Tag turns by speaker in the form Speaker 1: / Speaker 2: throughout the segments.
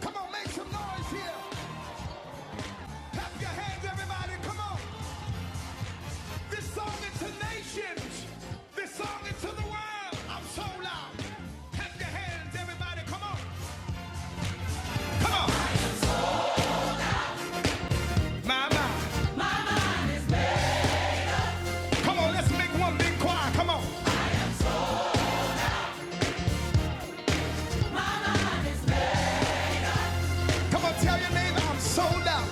Speaker 1: Come on, make some noise here. Clap your hands, everybody. Come on. This song is to nations. This song is to the world. I'm so loud. Clap your hands, everybody. Come on. Come on. My, my. Come on, let's make one big choir. Come on. Come on, tell your neighbor I'm so loud.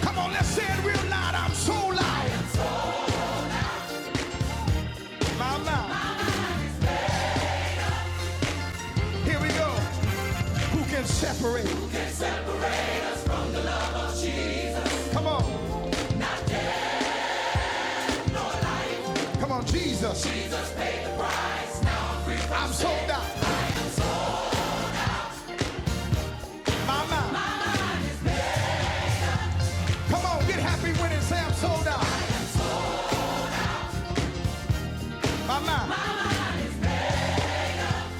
Speaker 1: Come on, let's say it real loud. I'm so loud. My, my. Here we go. Who can separate? Come on. Come on, Jesus. I'm sold out. My, my. Come on, get happy when it say I'm sold out. My, my.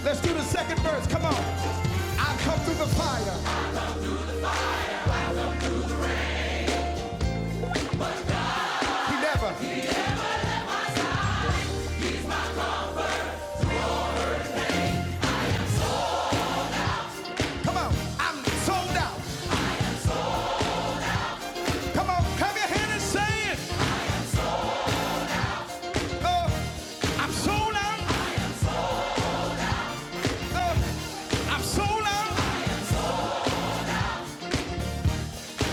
Speaker 1: Let's do the second verse. Come on. I come through the fire. He never. Come on. I'm sold out. Come on. Have your hand and say it. Uh, I'm sold out. Uh, I'm sold out.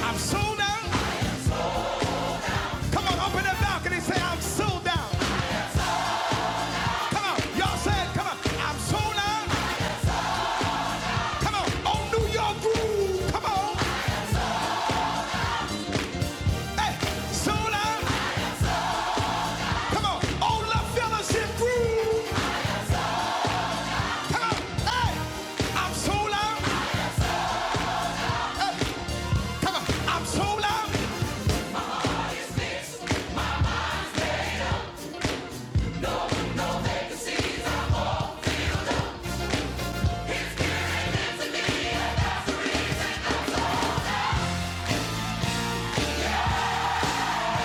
Speaker 1: I'm sold out. Come on. Open the balcony. Say I'm sold out. Come on. Y'all say it. Come on. I'm sold out. Come on. On New York groove. Come on. Hey. Sold out. Come on. On La Fellowship groove. Come on. Hey. I'm sold out. Come on. I'm so loud.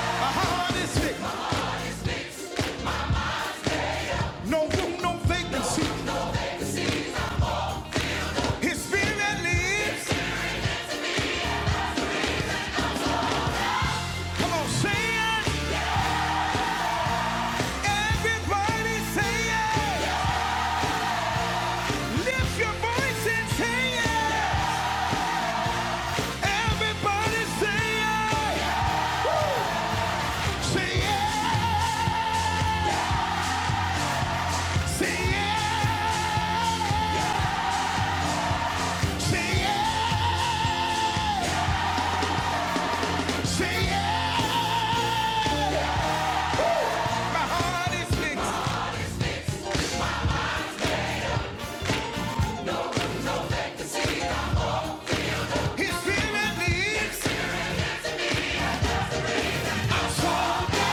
Speaker 1: My heart is big. No room, no vacancy. His spirit lives. Come on, say it. Everybody say it. Lift your voice and say it. Everybody say it. Woo. Say it. Say it. Say it. Say it. My heart is big. His spirit lives. I'm so loud.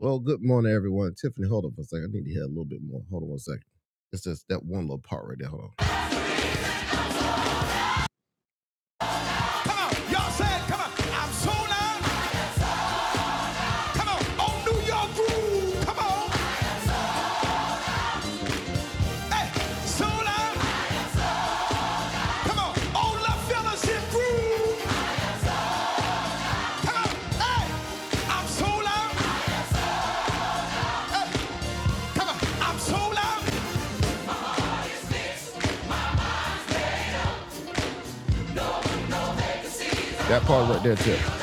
Speaker 1: Well, good morning, everyone. Tiffany, hold on for a second. I need to hear a little bit more. Hold on one second. It's just that one little part right there. Hold on. Come on, y'all say it. Come on, I'm so loud. Come on, on New York groove. Come on, hey, so loud. Come on, on La Fellowship groove. Come on, hey, I'm so loud. Come on, I'm so loud. That part right there, Tiff.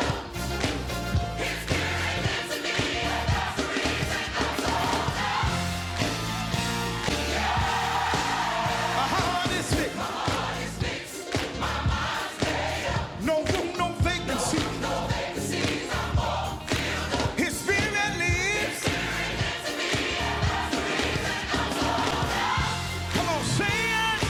Speaker 1: My heart is sick. No room, no vacancy. His spirit lives. Come on, say it.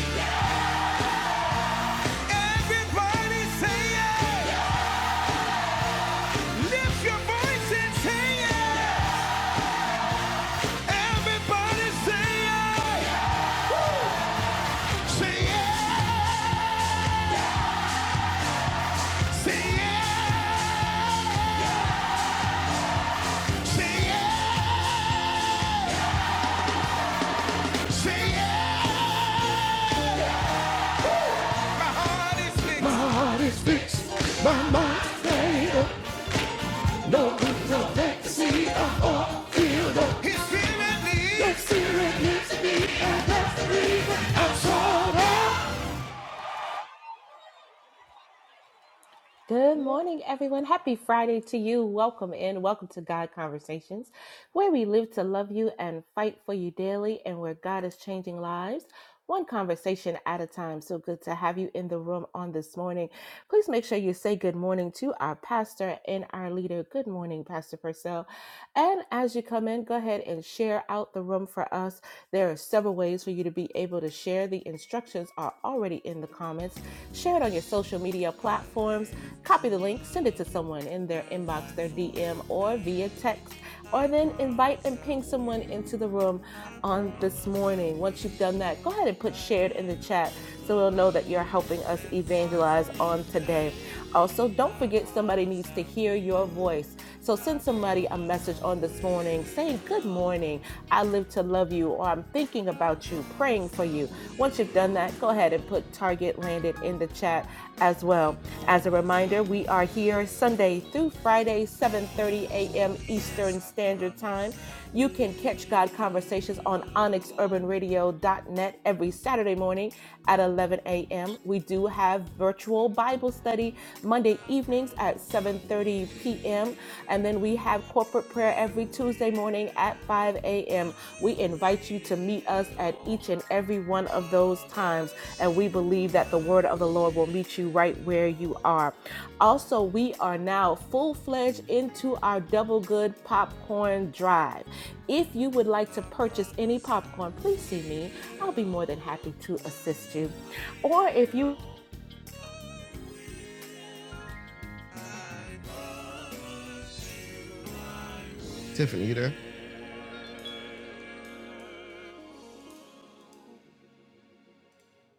Speaker 2: Good morning, everyone. Happy Friday to you. Welcome in. Welcome to God Conversations, where we live to love you and fight for you daily, and where God is changing lives one conversation at a time. So good to have you in the room on this morning. Please make sure you say good morning to our pastor and our leader. Good morning, Pastor Purcell. And as you come in, go ahead and share out the room for us. There are several ways for you to be able to share. The instructions are already in the comments. Share it on your social media platforms Copy the link, send it to someone in their inbox, their DM, or via text, or then invite and ping someone into the room on this morning. Once you've done that, go ahead and put shared in the chat so we'll know that you're helping us evangelize on today. Also, don't forget somebody needs to hear your voice. So send somebody a message on this morning saying, Good morning. I live to love you, or I'm thinking about you, praying for you. Once you've done that, go ahead and put Target Landed in the chat as well. As a reminder, we are here Sunday through Friday, 7:30 a.m. Eastern Standard Time. You can catch God Conversations on onyxurbanradio.net every Saturday morning at 11 a.m. We do have virtual Bible study Monday evenings at 7:30 p.m. and then we have corporate prayer every Tuesday morning at 5 a.m. We invite you to meet us at each and every one of those times and we believe that the word of the Lord will meet you right where you are. Also, we are now full fledged into our double good popcorn drive. If you would like to purchase any popcorn, please see me. I'll be more than happy to assist you. Or if you
Speaker 1: Tiffany, you there?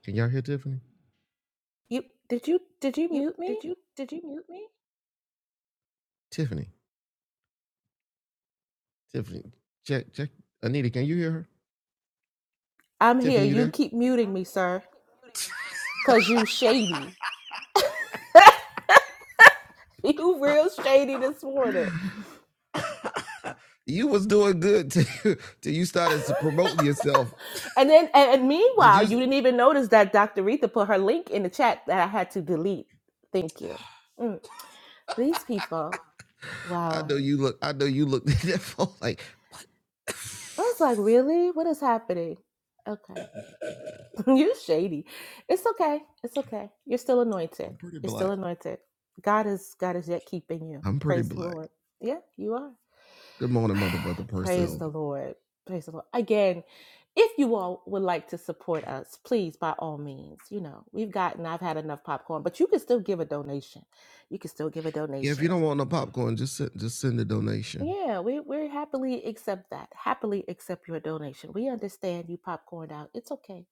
Speaker 1: Can y'all hear Tiffany?
Speaker 2: you did you did you mute me?
Speaker 1: Tiffany. Tiffany. Check. Check. Anita, can you hear her?
Speaker 2: I'm here.
Speaker 1: Tiffany, you
Speaker 2: You
Speaker 1: there?
Speaker 2: keep muting me, sir, cause you shady. You real shady this morning.
Speaker 1: You was doing good till, till you started to promoting yourself.
Speaker 2: And then, and,
Speaker 1: Did
Speaker 2: meanwhile,
Speaker 1: you?
Speaker 2: you didn't even notice that Dr. Retha put her link in the chat that I had to delete. Thank you. Mm. These people,
Speaker 1: I
Speaker 2: wow.
Speaker 1: know you look. I know you looked at that phone like
Speaker 2: I was like, really? What is happening? Okay. you shady. It's okay. It's okay. You're still anointed.
Speaker 1: I'm pretty
Speaker 2: You're
Speaker 1: black.
Speaker 2: still anointed. God is God is yet keeping you.
Speaker 1: I'm pretty
Speaker 2: Praise the
Speaker 1: black.
Speaker 2: Lord. Yeah, you are.
Speaker 1: Good morning, mother, brother,
Speaker 2: Praise
Speaker 1: Purcell.
Speaker 2: the Lord. Praise the Lord. Again, if you all would like to support us, please, by all means, you know, we've gotten, I've had enough popcorn, but you can still give a donation. You can still give a
Speaker 1: Yeah, if
Speaker 2: donation.
Speaker 1: you don't want no popcorn, just send, just send a donation.
Speaker 2: Yeah, we, we happily accept that. Happily accept your donation. We understand you popcorned out. It's okay.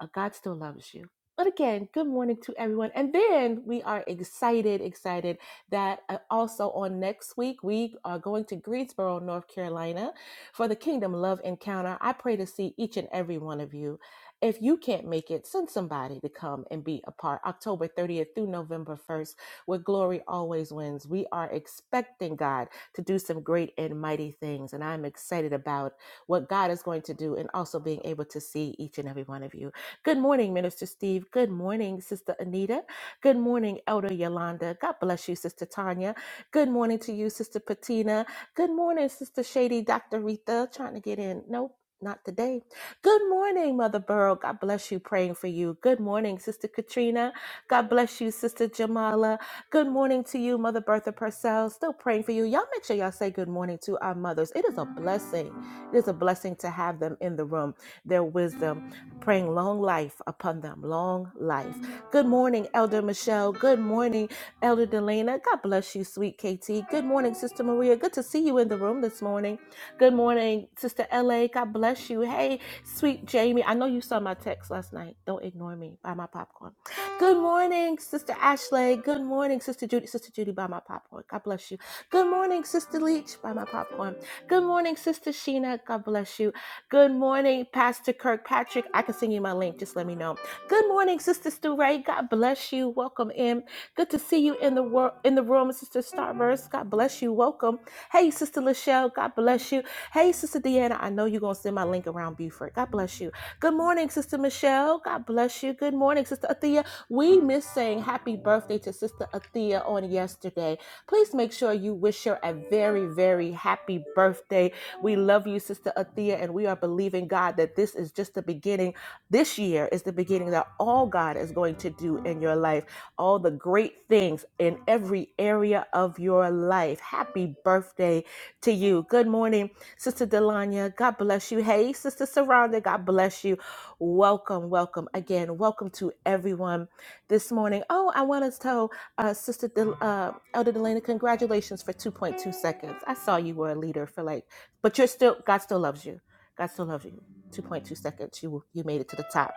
Speaker 2: Uh, God still loves you. But again, good morning to everyone. And then we are excited, excited that uh, also on next week, we are going to Greensboro, North Carolina for the Kingdom Love Encounter. I pray to see each and every one of you. If you can't make it, send somebody to come and be a part. October 30th through November 1st, where glory always wins. We are expecting God to do some great and mighty things. And I'm excited about what God is going to do and also being able to see each and every one of you. Good morning, Minister Steve. Good morning, Sister Anita. Good morning, Elder Yolanda. God bless you, Sister Tanya. Good morning to you, Sister Patina. Good morning, Sister Shady, Dr. Rita. Trying to get in. Nope. Not today. Good morning, Mother Burrow. God bless you. Praying for you. Good morning, Sister Katrina. God bless you, Sister Jamala. Good morning to you, Mother Bertha Purcell. Still praying for you. Y'all make sure y'all say good morning to our mothers. It is a blessing. It is a blessing to have them in the room, their wisdom praying long life upon them, long life. Good morning, Elder Michelle. Good morning, Elder Delana. God bless you, sweet KT. Good morning, Sister Maria. Good to see you in the room this morning. Good morning, Sister LA. God bless you. Hey, sweet Jamie. I know you saw my text last night. Don't ignore me. Buy my popcorn. Good morning, Sister Ashley. Good morning, Sister Judy. Sister Judy, buy my popcorn. God bless you. Good morning, Sister Leach. Buy my popcorn. Good morning, Sister Sheena. God bless you. Good morning, Pastor Kirkpatrick. I can send you my link. Just let me know. Good morning, Sister Stu Ray. God bless you. Welcome in. Good to see you in the world in the room, Sister Starburst. God bless you. Welcome. Hey, Sister Lachelle. God bless you. Hey, Sister Deanna. I know you're gonna send my link around Buford. God bless you. Good morning, Sister Michelle. God bless you. Good morning, Sister Athea. We missed saying happy birthday to Sister Athea on yesterday. Please make sure you wish her a very, very happy birthday we love you, Sister Athea, and we are believing, God, that this is just the beginning. This year is the beginning that all God is going to do in your life, all the great things in every area of your life. Happy birthday to you. Good morning, Sister Delanya. God bless you. Hey, Sister Saranda. God bless you. Welcome, welcome again. Welcome to everyone this morning. Oh, I want to tell uh, Sister Del- uh, Elder Delana, congratulations for 2.2 seconds. I saw you were a leader for like but you're still god still loves you god still loves you 2.2 seconds you you made it to the top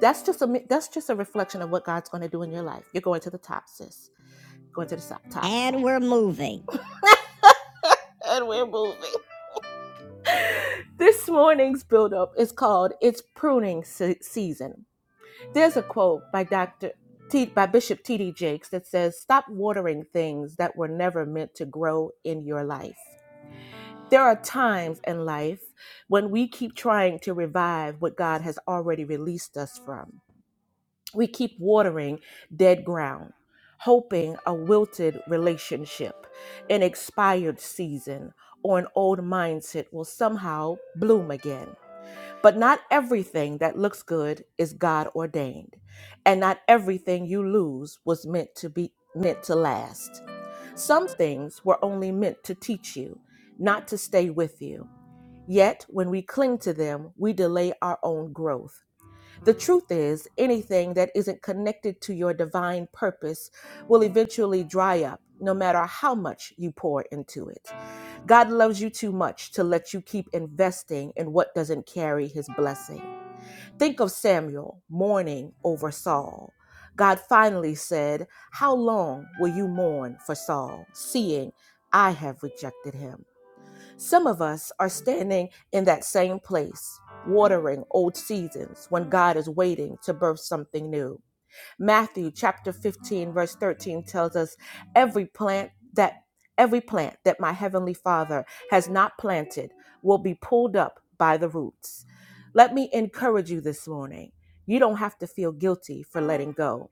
Speaker 2: that's just a that's just a reflection of what god's going to do in your life you're going to the top sis going to the top, top
Speaker 1: And we're moving.
Speaker 2: and we're moving this morning's build up is called it's pruning Se- season there's a quote by dr T, by bishop td jakes that says stop watering things that were never meant to grow in your life There are times in life when we keep trying to revive what God has already released us from. We keep watering dead ground, hoping a wilted relationship, an expired season, or an old mindset will somehow bloom again. But not everything that looks good is God ordained, and not everything you lose was meant to be meant to last. Some things were only meant to teach you, not to stay with you. Yet, when we cling to them, we delay our own growth. The truth is, anything that isn't connected to your divine purpose will eventually dry up, no matter how much you pour into it. God loves you too much to let you keep investing in what doesn't carry his blessing. Think of Samuel mourning over Saul. God finally said, How long will you mourn for Saul, seeing I have rejected him? Some of us are standing in that same place, watering old seasons when God is waiting to birth something new. Matthew chapter 15 verse 13 tells us every plant that every plant that my heavenly Father has not planted will be pulled up by the roots. Let me encourage you this morning. You don't have to feel guilty for letting go.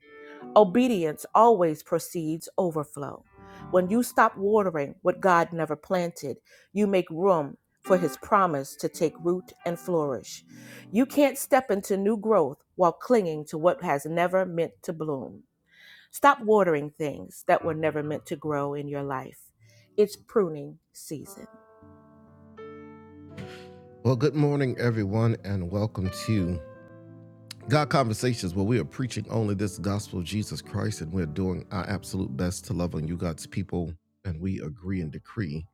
Speaker 2: Obedience always precedes overflow. When you stop watering what God never planted, you make room for his promise to take root and flourish. You can't step into new growth while clinging to what has never meant to bloom. Stop watering things that were never meant to grow in your life. It's pruning season.
Speaker 1: Well, good morning, everyone, and welcome to God Conversations, where we are preaching only this gospel of Jesus Christ and we're doing our absolute best to love on you, God's people. And we agree and decree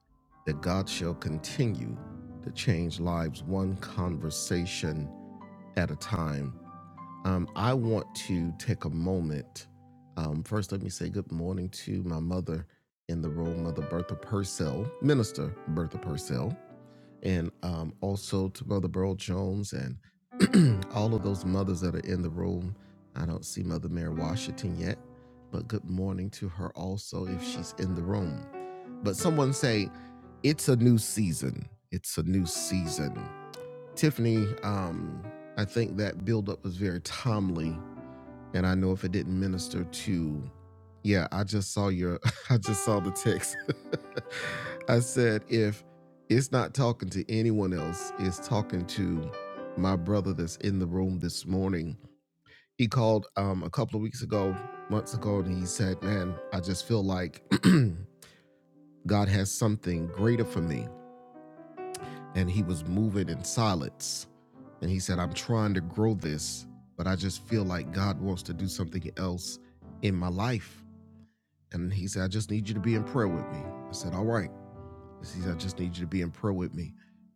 Speaker 1: that God shall continue to change lives one conversation at a time. Um, I want to take a moment. Um, first, let me say good morning to my mother in the role, Mother Bertha Purcell, Minister Bertha Purcell and um, also to Mother Burl Jones and all of those mothers that are in the room. I don't see Mother Mary Washington yet, but good morning to her also if she's in the room. But someone say, it's a new season. It's a new season. Tiffany, um, I think that buildup was very timely and I know if it didn't minister to yeah, I just saw your I just saw the text. I said if it's not talking to anyone else, it's talking to my brother that's in the room this morning. He called um a couple of weeks ago, months ago, and he said, Man, I just feel like God has something greater for me. And he was moving in silence. And he said, I'm trying to grow this, but I just feel like God wants to do something else in my life. And he said, I just need you to be in prayer with me. I said, All right. He said, I just need you to be in prayer with me.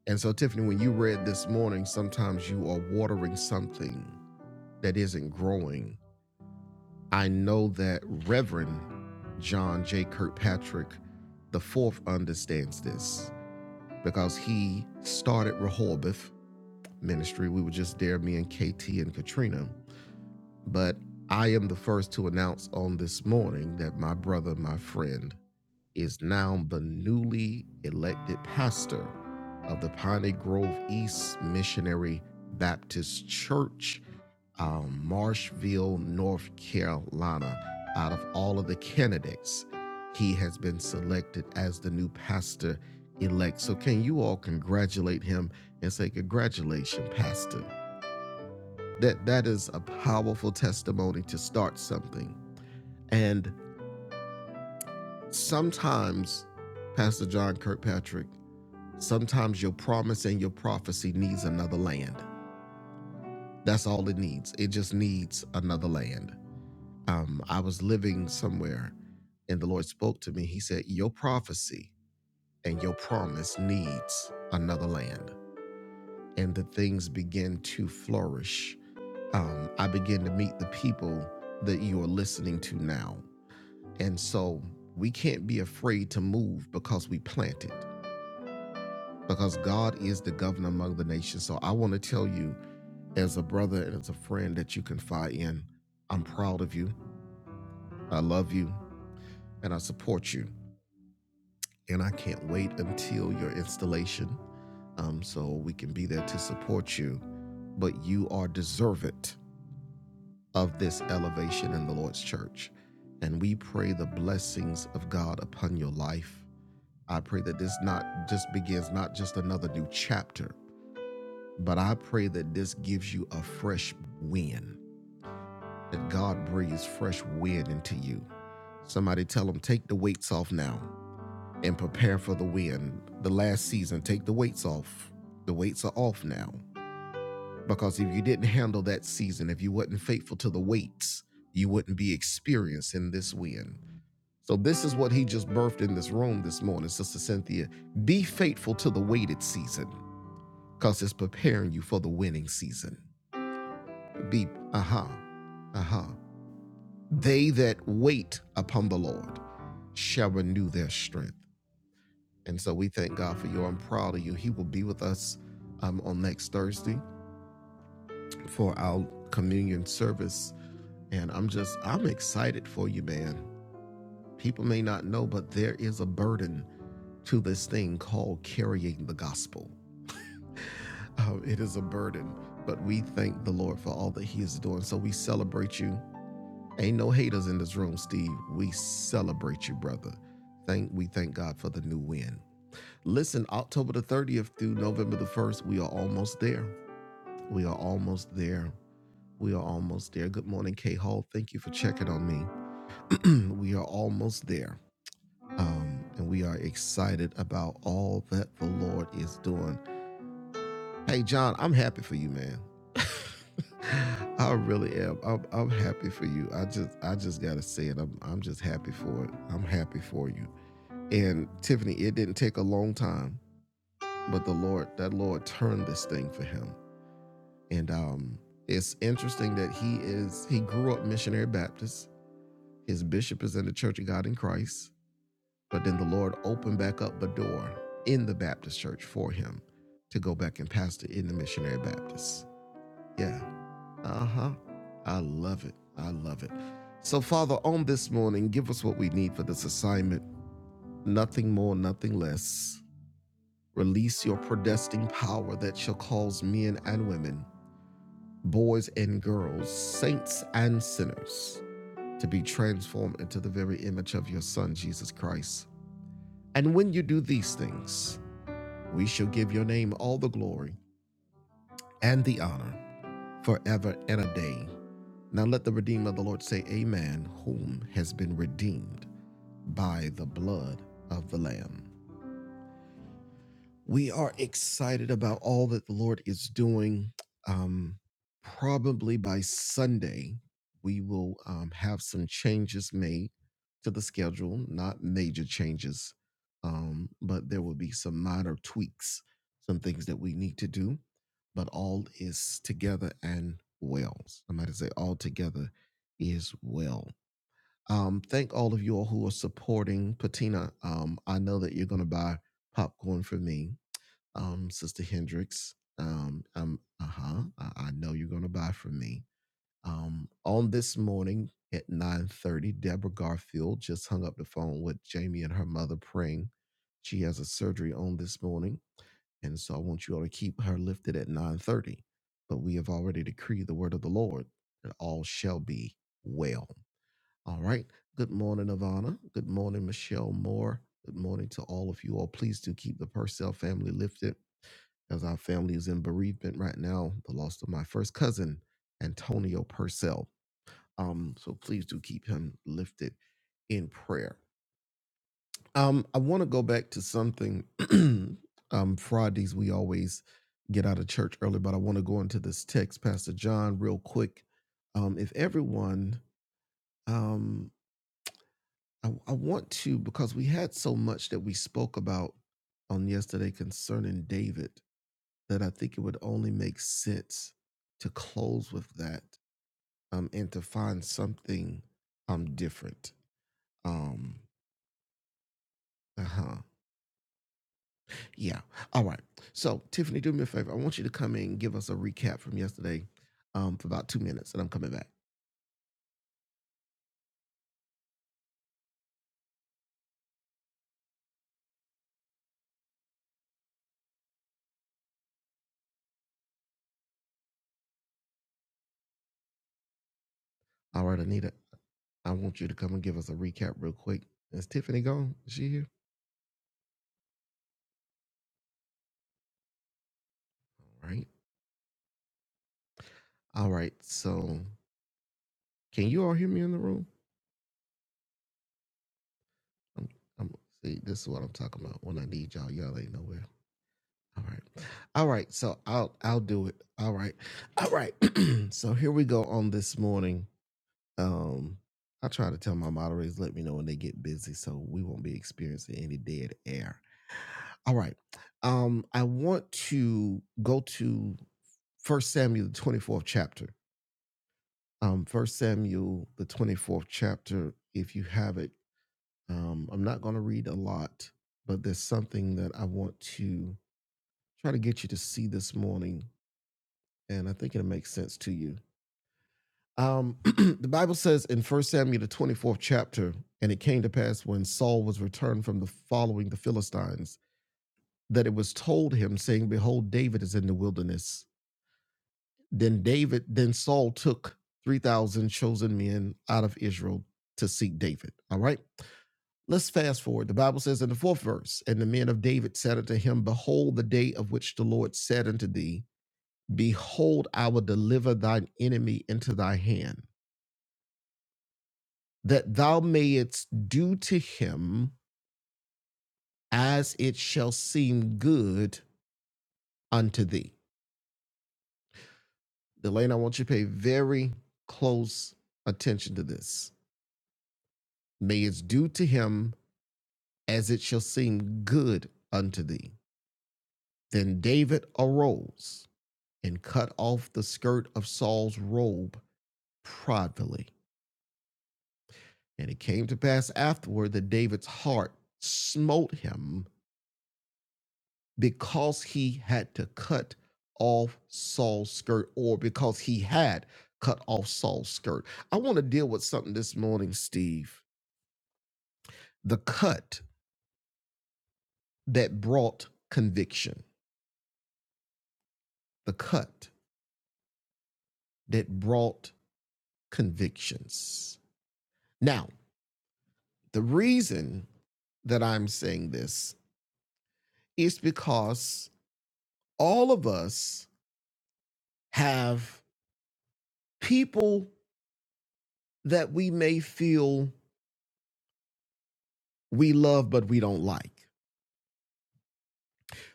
Speaker 1: And so, Tiffany, when you read this morning, sometimes you are watering something that isn't growing. I know that Reverend John J. Kirkpatrick, the fourth, understands this because he started Rehoboth Ministry. We were just there, me and KT and Katrina. But I am the first to announce on this morning that my brother, my friend, is now the newly elected pastor of the Piney Grove East Missionary Baptist Church, um, Marshville, North Carolina. Out of all of the candidates, he has been selected as the new pastor elect. So, can you all congratulate him and say, Congratulations, Pastor? That, that is a powerful testimony to start something. And sometimes, Pastor John Kirkpatrick, Sometimes your promise and your prophecy needs another land. That's all it needs. It just needs another land. Um, I was living somewhere and the Lord spoke to me. He said, Your prophecy and your promise needs another land. And the things begin to flourish. Um, I begin to meet the people that you are listening to now. And so we can't be afraid to move because we planted. because God is the governor among the nations. So I want to tell you, as a brother and as a friend that you confide in, I'm proud of you. I love you and I support you. And I can't wait until your installation um, so we can be there to support you. But you are deserving of this elevation in the Lord's church. And we pray the blessings of God upon your life. I pray that this not just begins not just another new chapter, But I pray that this gives you a fresh wind, that God breathes fresh wind into you. Somebody tell them, take the weights off now and prepare for the wind. The last season, take the weights off. The weights are off now. Because if you didn't handle that season, if you wasn't faithful to the weights, you wouldn't be experiencing this wind. So this is what he just birthed in this room this morning, Sister Cynthia. Be faithful to the weighted season, because it's preparing you for the winning season. be uh-huh uh-huh they that wait upon the lord shall renew their strength and so we thank god for you i'm proud of you he will be with us um, on next thursday for our communion service and i'm just i'm excited for you man people may not know but there is a burden to this thing called carrying the gospel um, it is a burden but we thank the lord for all that he is doing so we celebrate you Ain't no haters in this room, Steve. We celebrate you, brother. Thank we thank God for the new win. Listen, October the 30th through November the 1st, we are almost there. We are almost there. We are almost there. Good morning, K Hall. Thank you for checking on me. we are almost there. Um, and we are excited about all that the Lord is doing. Hey, John, I'm happy for you, man. I really am. I'm, I'm happy for you. I just I just gotta say it. I'm I'm just happy for it. I'm happy for you. And Tiffany, it didn't take a long time, but the Lord that Lord turned this thing for him. And um, it's interesting that he is he grew up missionary Baptist. His bishop is in the Church of God in Christ. But then the Lord opened back up a door in the Baptist church for him to go back and pastor in the missionary Baptist. Yeah. Uh huh. I love it. I love it. So, Father, on this morning, give us what we need for this assignment. Nothing more, nothing less. Release your predestined power that shall cause men and women, boys and girls, saints and sinners to be transformed into the very image of your Son, Jesus Christ. And when you do these things, we shall give your name all the glory and the honor forever and a day. Now let the redeemed of the Lord say, Amen, whom has been redeemed by the blood of the Lamb. We are excited about all that the Lord is doing. Um, probably by Sunday, we will um, have some changes made to the schedule, not major changes, um, but there will be some minor tweaks, some things that we need to do. But all is together and well. Somebody say, all together is well. Um, thank all of you all who are supporting Patina. Um, I know that you're going to buy popcorn for me, um, Sister Hendricks. Um, um, uh huh. I, I know you're going to buy for me. Um, on this morning at 9:30, Deborah Garfield just hung up the phone with Jamie and her mother praying. She has a surgery on this morning, and so I want you all to keep her lifted at 9:30. But we have already decreed the word of the Lord that all shall be well. All right. Good morning, Ivana. Good morning, Michelle Moore. Good morning to all of you all. Please do keep the Purcell family lifted as our family is in bereavement right now. The loss of my first cousin, Antonio Purcell. Um, so please do keep him lifted in prayer. Um, I want to go back to something. um, Fridays we always get out of church early, but I want to go into this text, Pastor John, real quick. Um, if everyone, um, I, I want to because we had so much that we spoke about on yesterday concerning David that I think it would only make sense to close with that um, and to find something um different. Um, uh huh. Yeah. All right. So Tiffany, do me a favor. I want you to come in and give us a recap from yesterday um, for about two minutes, and I'm coming back. All right, Anita. I want you to come and give us a recap real quick. Is Tiffany gone? Is she here? All right. All right. So Can you all hear me in the room? I'm, I'm see. This is what I'm talking about. When I need y'all, y'all ain't nowhere. All right, all right. So I'll I'll do it. All right, all right. so here we go on this morning. Um, I try to tell my moderators let me know when they get busy, so we won't be experiencing any dead air. All right. Um, I want to go to First Samuel, the twenty fourth chapter. Um, First Samuel, the twenty fourth chapter. If you have it Um, I'm not going to read a lot, but there's something that I want to try to get you to see this morning, and I think it'll make sense to you. Um, the Bible says in 1 Samuel, the 24th chapter, and it came to pass when Saul was returned from the following the Philistines that it was told him, saying, Behold, David is in the wilderness. Then David, then Saul took 3,000 chosen men out of Israel to seek David. All right. Let's fast forward. The Bible says in the fourth verse, and the men of David said unto him, Behold, the day of which the Lord said unto thee, Behold, I will deliver thine enemy into thy hand, that thou mayest do to him as it shall seem good unto thee. Delane, I want you to pay very close attention to this. May it's due to him as it shall seem good unto thee. Then David arose and cut off the skirt of Saul's robe privately. And it came to pass afterward that David's heart smote him because he had to cut off Saul's skirt or because he had cut off Saul's skirt. I want to deal with something this morning, Steve. The cut that brought conviction. The cut that brought convictions. Now, the reason that I'm saying this It's because all of us have people that we may feel we love but we don't like.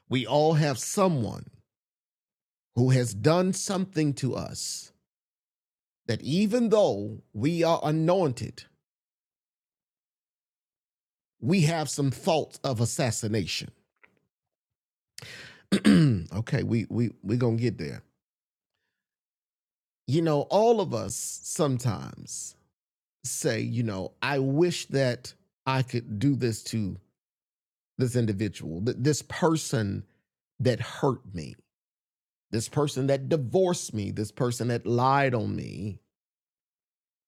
Speaker 1: We all have someone who has done something to us that even though we are anointed, we have some thoughts of assassination. okay, we we we're gonna get there. You know, all of us sometimes say, you know, I wish that I could do this to this individual, th- this person that hurt me, this person that divorced me, this person that lied on me.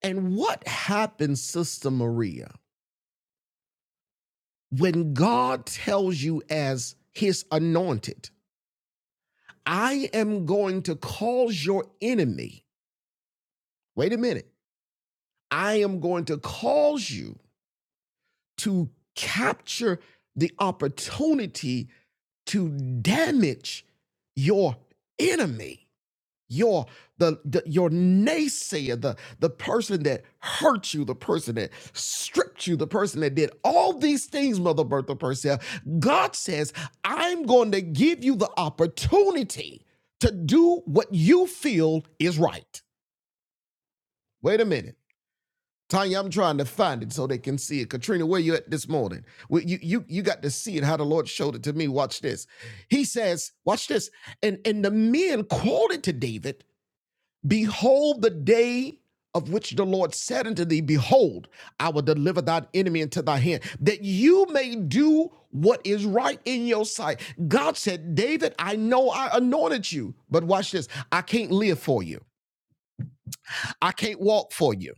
Speaker 1: And what happens, Sister Maria, when God tells you as his anointed, I am going to cause your enemy, wait a minute, I am going to cause you to capture the opportunity to damage your enemy. your the, the your naysayer the the person that hurt you the person that stripped you the person that did all these things mother bertha purcell god says i'm going to give you the opportunity to do what you feel is right wait a minute tanya i'm trying to find it so they can see it katrina where you at this morning Well, you you you got to see it how the lord showed it to me watch this he says watch this and and the men quoted to david Behold the day of which the Lord said unto thee, Behold, I will deliver thine enemy into thy hand, that you may do what is right in your sight. God said, David, I know I anointed you, but watch this. I can't live for you. I can't walk for you.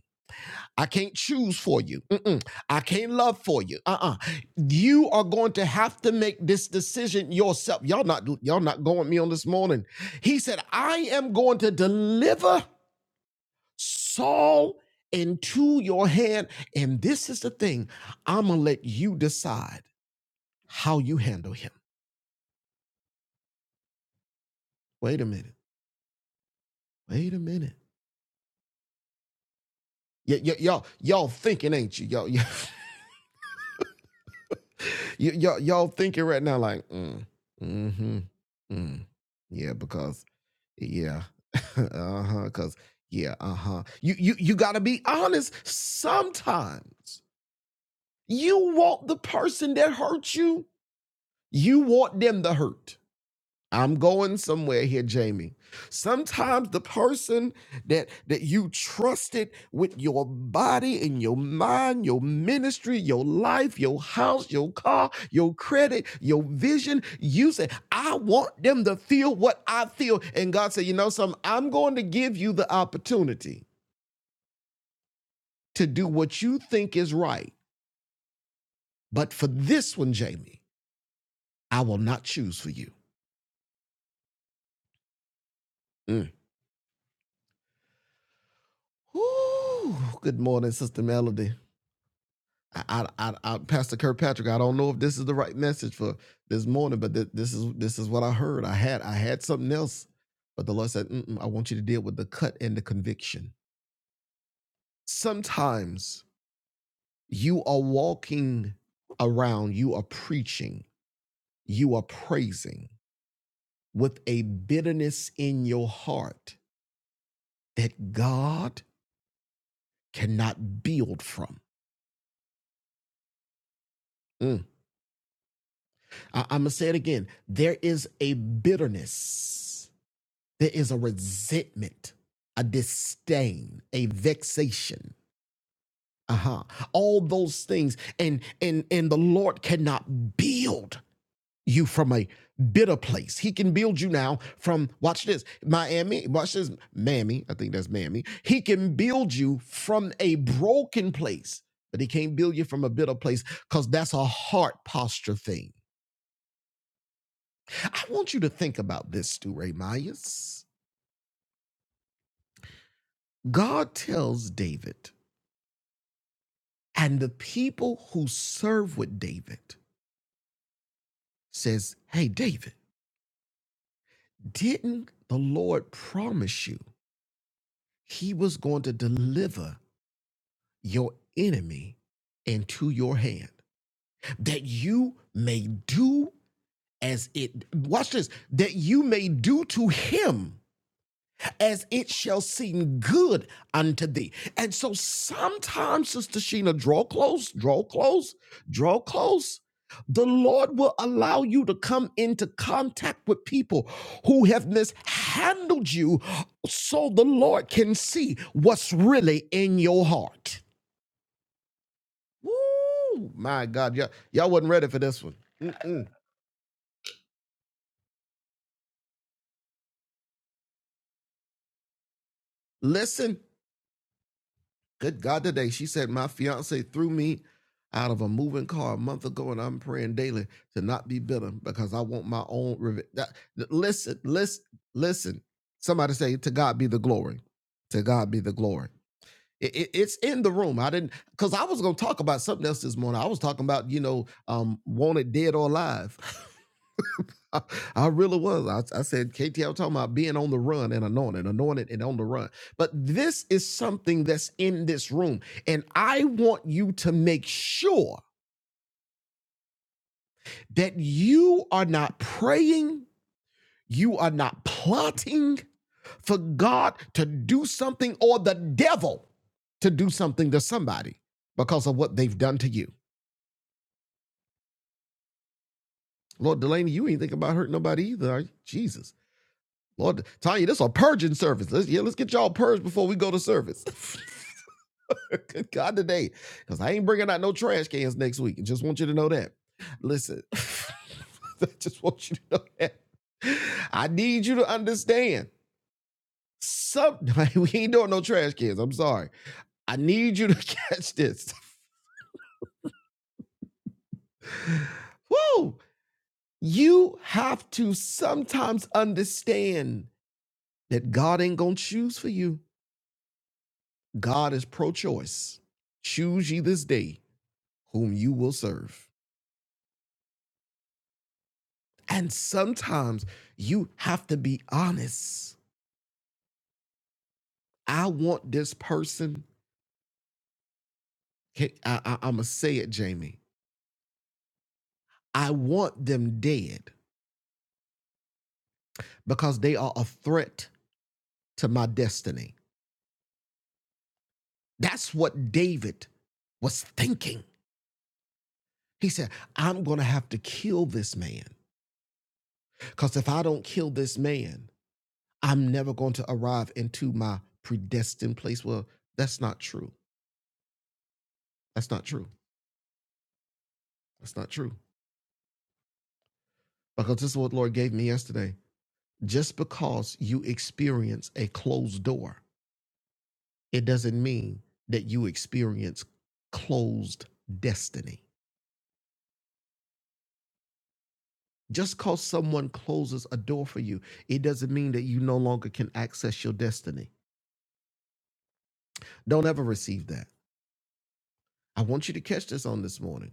Speaker 1: I can't choose for you. Mm-mm. I can't love for you. Uh-uh. You are going to have to make this decision yourself. Y'all not y'all not going with me on this morning. He said, I am going to deliver Saul into your hand. And this is the thing I'm going to let you decide how you handle him. Wait a minute. Wait a minute. Y- y- y'all, y'all thinking, ain't you? Y'all, y- y- y'all, y'all thinking right now, like, mm, mm-hmm, mm, yeah, because yeah, uh huh, because yeah, uh huh. You, you, you gotta be honest. Sometimes you want the person that hurt you, you want them to hurt. I'm going somewhere here, Jamie. Sometimes the person that that you trusted with your body and your mind, your ministry, your life, your house, your car, your credit, your vision, you said, I want them to feel what I feel. And God said, you know something, I'm going to give you the opportunity to do what you think is right. But for this one, Jamie, I will not choose for you. Mm. Whew. good morning, Sister Melody. I, I, I, Pastor Kirkpatrick, I don't know if this is the right message for this morning, but th- this is this is what I heard. I had I had something else, but the Lord said, I want you to deal with the cut and the conviction. Sometimes you are walking around, you are preaching, you are praising with a bitterness in your heart that God cannot build from. Mm. I, I'm gonna say it again. There is a bitterness There is a resentment, a disdain, a vexation. Uh-huh. All those things. And and and the Lord cannot build you from a bitter place. He can build you now from watch this, Miami, watch this, Mammy. I think that's Mammy. He can build you from a broken place, but he can't build you from a bitter place because that's a heart posture thing. I want you to think about this, Stu Ray Myers. God tells David And the people who serve with David says, "Hey David, didn't the Lord promise you he was going to deliver your enemy into your hand that you may do as it watch this that you may do to him as it shall seem good unto thee. And so sometimes, Sister Sheena, draw close, draw close, draw close. The Lord will allow you to come into contact with people who have mishandled you so the Lord can see what's really in your heart. Woo! My God, y'all, y'all wasn't ready for this one. Mm-mm. Listen. Good God, today she said, My fiance threw me out of a moving car a month ago, and I'm praying daily to not be bitter because I want my own revenge. Listen, listen, listen. Somebody say, To God be the glory. To God be the glory. It- it- it's in the room. I didn't, because I was going to talk about something else this morning. I was talking about, you know, um, wanted dead or alive. I, I really was. I, I said, KT, was talking about being on the run and anointed, anointed and on the run. But this is something that's in this room. And I want you to make sure that you are not praying, you are not plotting for God to do something or the devil to do something to somebody because of what they've done to you. Lord Delaney, you ain't thinking about hurting nobody either, are you? Jesus. Lord, Tanya, this is a purging service. Let's, yeah, let's get y'all purged before we go to service. Good God today, because I ain't bringing out no trash cans next week. I Just want you to know that. Listen, I just want you to know that. I need you to understand. Some we ain't doing no trash cans. I'm sorry. I need you to catch this. Woo! You have to sometimes understand that God ain't gonna choose for you. God is pro-choice. Choose ye this day whom you will serve. And sometimes you have to be honest. I want this person, I, I, I'm going to say it, Jamie. I want them dead because they are a threat to my destiny. That's what David was thinking. He said, I'm going to have to kill this man because if I don't kill this man, I'm never going to arrive into my predestined place. Well, that's not true. That's not true. That's not true. Because this is what the Lord gave me yesterday. Just because you experience a closed door, it doesn't mean that you experience closed destiny. Just because someone closes a door for you, it doesn't mean that you no longer can access your destiny. Don't ever receive that. I want you to catch this on this morning.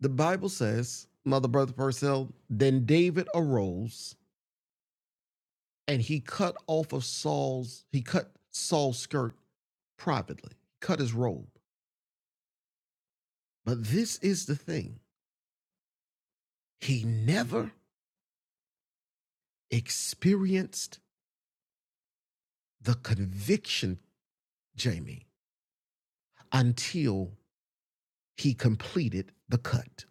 Speaker 1: The Bible says, Mother Brother Purcell, then David arose and he cut off of Saul's, he cut Saul's skirt privately, cut his robe. But this is the thing he never experienced the conviction, Jamie, until he completed the cut.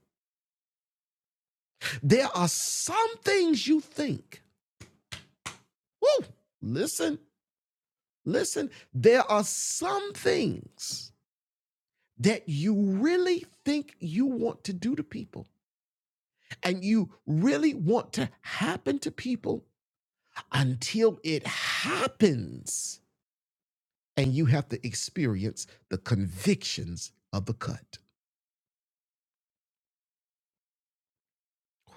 Speaker 1: There are some things you think, woo, listen, listen, there are some things that you really think you want to do to people and you really want to happen to people until it happens and you have to experience the convictions of the cut.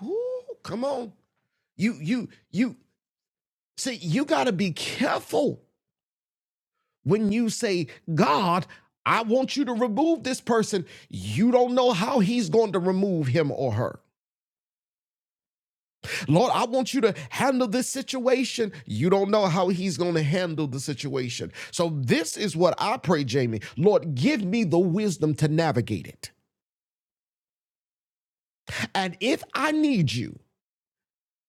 Speaker 1: Ooh, come on. You you you see you got to be careful when you say God, I want you to remove this person. You don't know how he's going to remove him or her. Lord, I want you to handle this situation. You don't know how he's going to handle the situation. So, this is what I pray, Jamie. Lord, give me the wisdom to navigate it. And if I need you,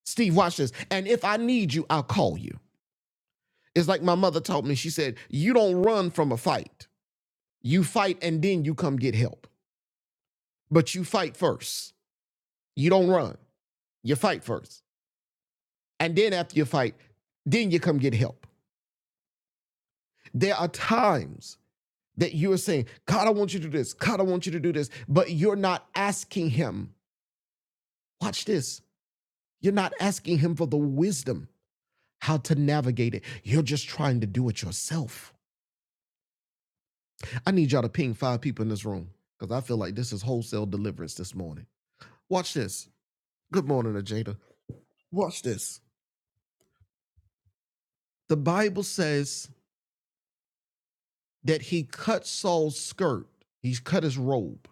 Speaker 1: Steve, watch this. And if I need you, I'll call you. It's like my mother taught me. She said, You don't run from a fight. You fight and then you come get help. But you fight first. You don't run. You fight first. And then after you fight, then you come get help. There are times that you are saying, God, I want you to do this. God, I want you to do this. But you're not asking Him. Watch this. You're not asking Him for the wisdom how to navigate it. You're just trying to do it yourself. I need y'all to ping five people in this room because I feel like this is wholesale deliverance this morning. Watch this. Good morning, Ajada. Watch this. The Bible says that he cut Saul's skirt, he cut his robe,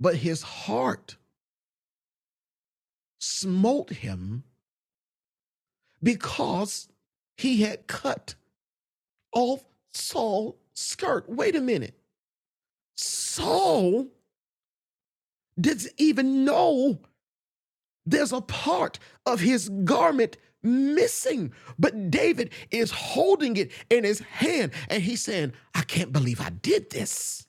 Speaker 1: but his heart smote him because he had cut off Saul's skirt. Wait a minute. Saul didn't even know There's a part of his garment missing, but David is holding it in his hand and he's saying, I can't believe I did this.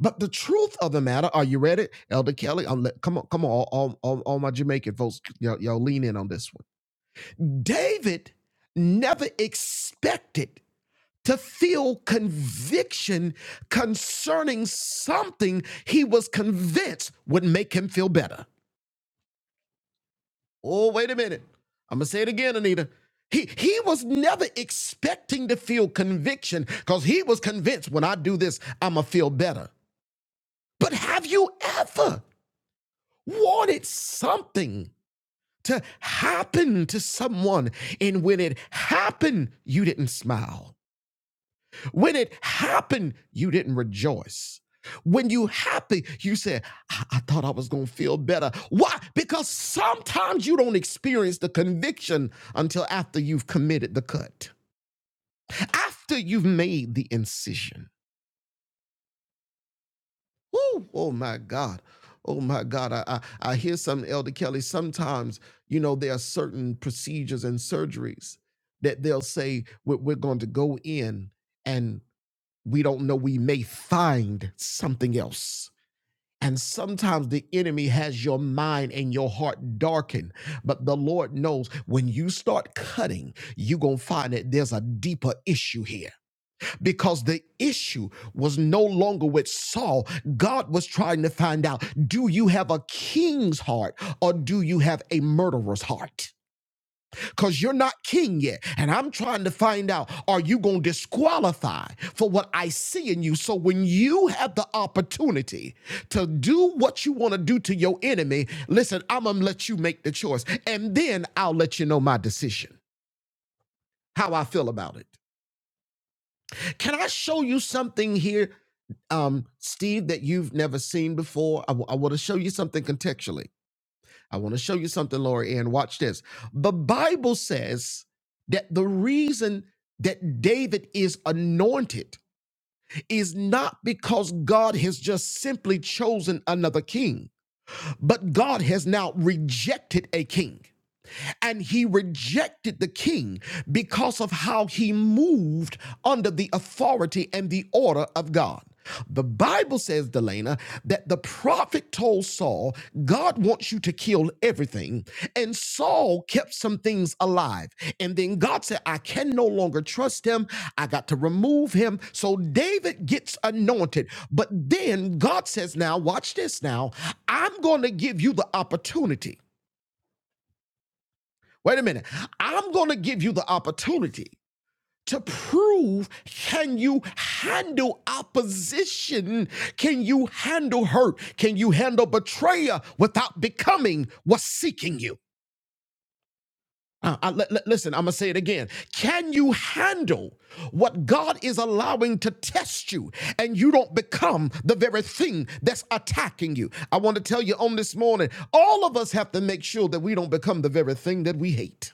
Speaker 1: But the truth of the matter, are you ready, Elder Kelly? I'm let, come on, come on, all, all, all, my Jamaican folks, y'all, y'all lean in on this one. David never expected to feel conviction concerning something he was convinced would make him feel better. Oh, wait a minute. I'm going to say it again, Anita. He, he was never expecting to feel conviction because he was convinced when I do this, I'm going to feel better. But have you ever wanted something to happen to someone and when it happened, you didn't smile? When it happened, you didn't rejoice. When you happy, you said, I, I thought I was gonna feel better. Why? Because sometimes you don't experience the conviction until after you've committed the cut, after you've made the incision. Woo! oh my God. Oh my God. I, I, I hear some Elder Kelly. Sometimes, you know, there are certain procedures and surgeries that they'll say, we're, we're going to go in and. we don't know, we may find something else. And sometimes the enemy has your mind and your heart darkened, but the Lord knows when you start cutting, you're going to find that there's a deeper issue here because the issue was no longer with Saul. God was trying to find out do you have a king's heart or do you have a murderer's heart? because you're not king yet. And I'm trying to find out are you going to disqualify for what I see in you? So when you have the opportunity to do what you want to do to your enemy, listen, I'm going to let you make the choice. And then I'll let you know my decision, how I feel about it. Can I show you something here, um, Steve, that you've never seen before? I w- I want to show you something contextually. I want to show you something, Lori Ann. Watch this. The Bible says that the reason that David is anointed is not because God has just simply chosen another king, but God has now rejected a king and he rejected the king because of how he moved under the authority and the order of God. The Bible says, Delana, that the prophet told Saul, God wants you to kill everything. And Saul kept some things alive. And then God said, I can no longer trust him. I got to remove him. So David gets anointed. But then God says, Now, watch this now. I'm going to give you the opportunity Wait a minute. I'm going to give you the opportunity to prove can you handle opposition? Can you handle hurt? Can you handle betrayal without becoming what's seeking you? Uh, I- l- l- listen, I'm going to say it again. Can you handle what God is allowing to test you and you don't become the very thing that's attacking you? I want to tell you on this morning, all of us have to make sure that we don't become the very thing that we hate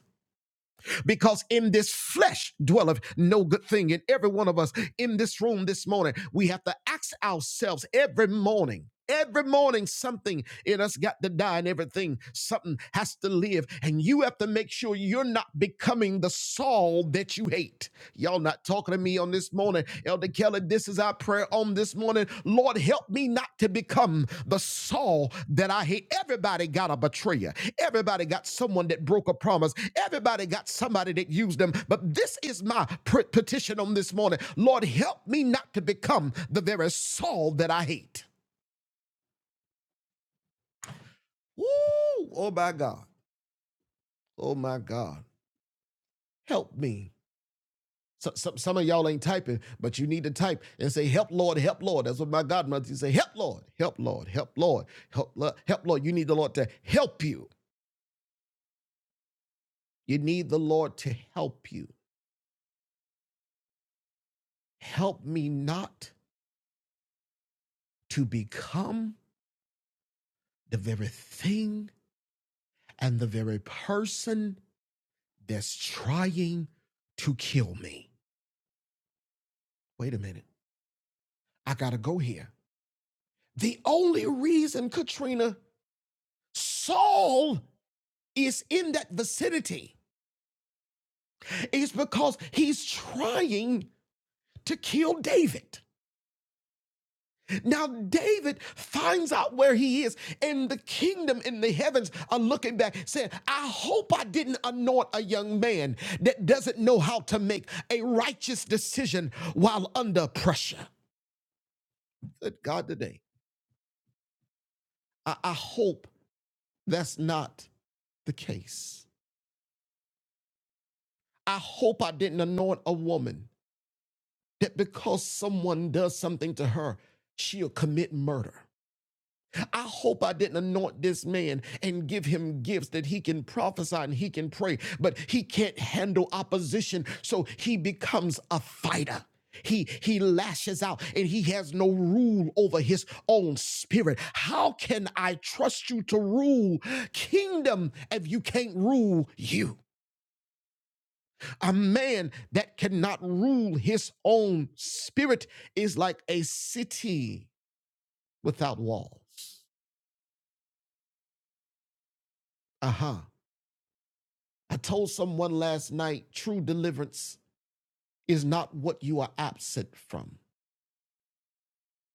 Speaker 1: because in this flesh dwelleth no good thing. And every one of us in this room this morning, we have to ask ourselves every morning. Every morning, something in us got to die, and everything, something has to live. And you have to make sure you're not becoming the Saul that you hate. Y'all not talking to me on this morning. Elder Kelly. this is our prayer on this morning. Lord, help me not to become the Saul that I hate. Everybody got a betrayer. Everybody got someone that broke a promise. Everybody got somebody that used them. But this is my petition on this morning. Lord, help me not to become the very Saul that I hate. Woo! Oh my God. Oh my God. Help me. So, some, some of y'all ain't typing, but you need to type and say, Help Lord, help Lord. That's what my godmother used to say, Help Lord, help Lord, help Lord, help, Lord, help Lord. You need the Lord to help you. You need the Lord to help you. Help me not to become the very thing and the very person that's trying to kill me. Wait a minute. I got to go here. The only reason, Katrina, Saul is in that vicinity is because he's trying to kill David. Now, David finds out where he is, and the kingdom in the heavens are looking back, saying, I hope I didn't anoint a young man that doesn't know how to make a righteous decision while under pressure. Good God, today. I, I hope that's not the case. I hope I didn't anoint a woman that because someone does something to her, she'll commit murder. I hope I didn't anoint this man and give him gifts that he can prophesy and he can pray, but he can't handle opposition, so he becomes a fighter. He he lashes out and he has no rule over his own spirit. How can I trust you to rule kingdom if you can't rule you? A man that cannot rule his own spirit is like a city without walls. Uh-huh. I told someone last night true deliverance is not what you are absent from,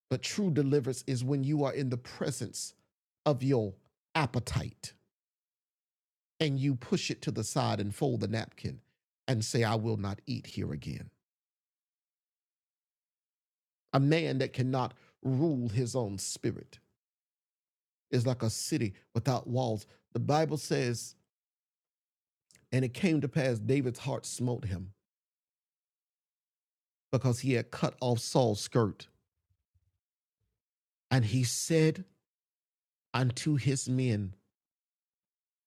Speaker 1: but true deliverance is when you are in the presence of your appetite and you push it to the side and fold the napkin and say, I will not eat here again. A man that cannot rule his own spirit is like a city without walls. The Bible says, and it came to pass, David's heart smote him because he had cut off Saul's skirt. And he said unto his men,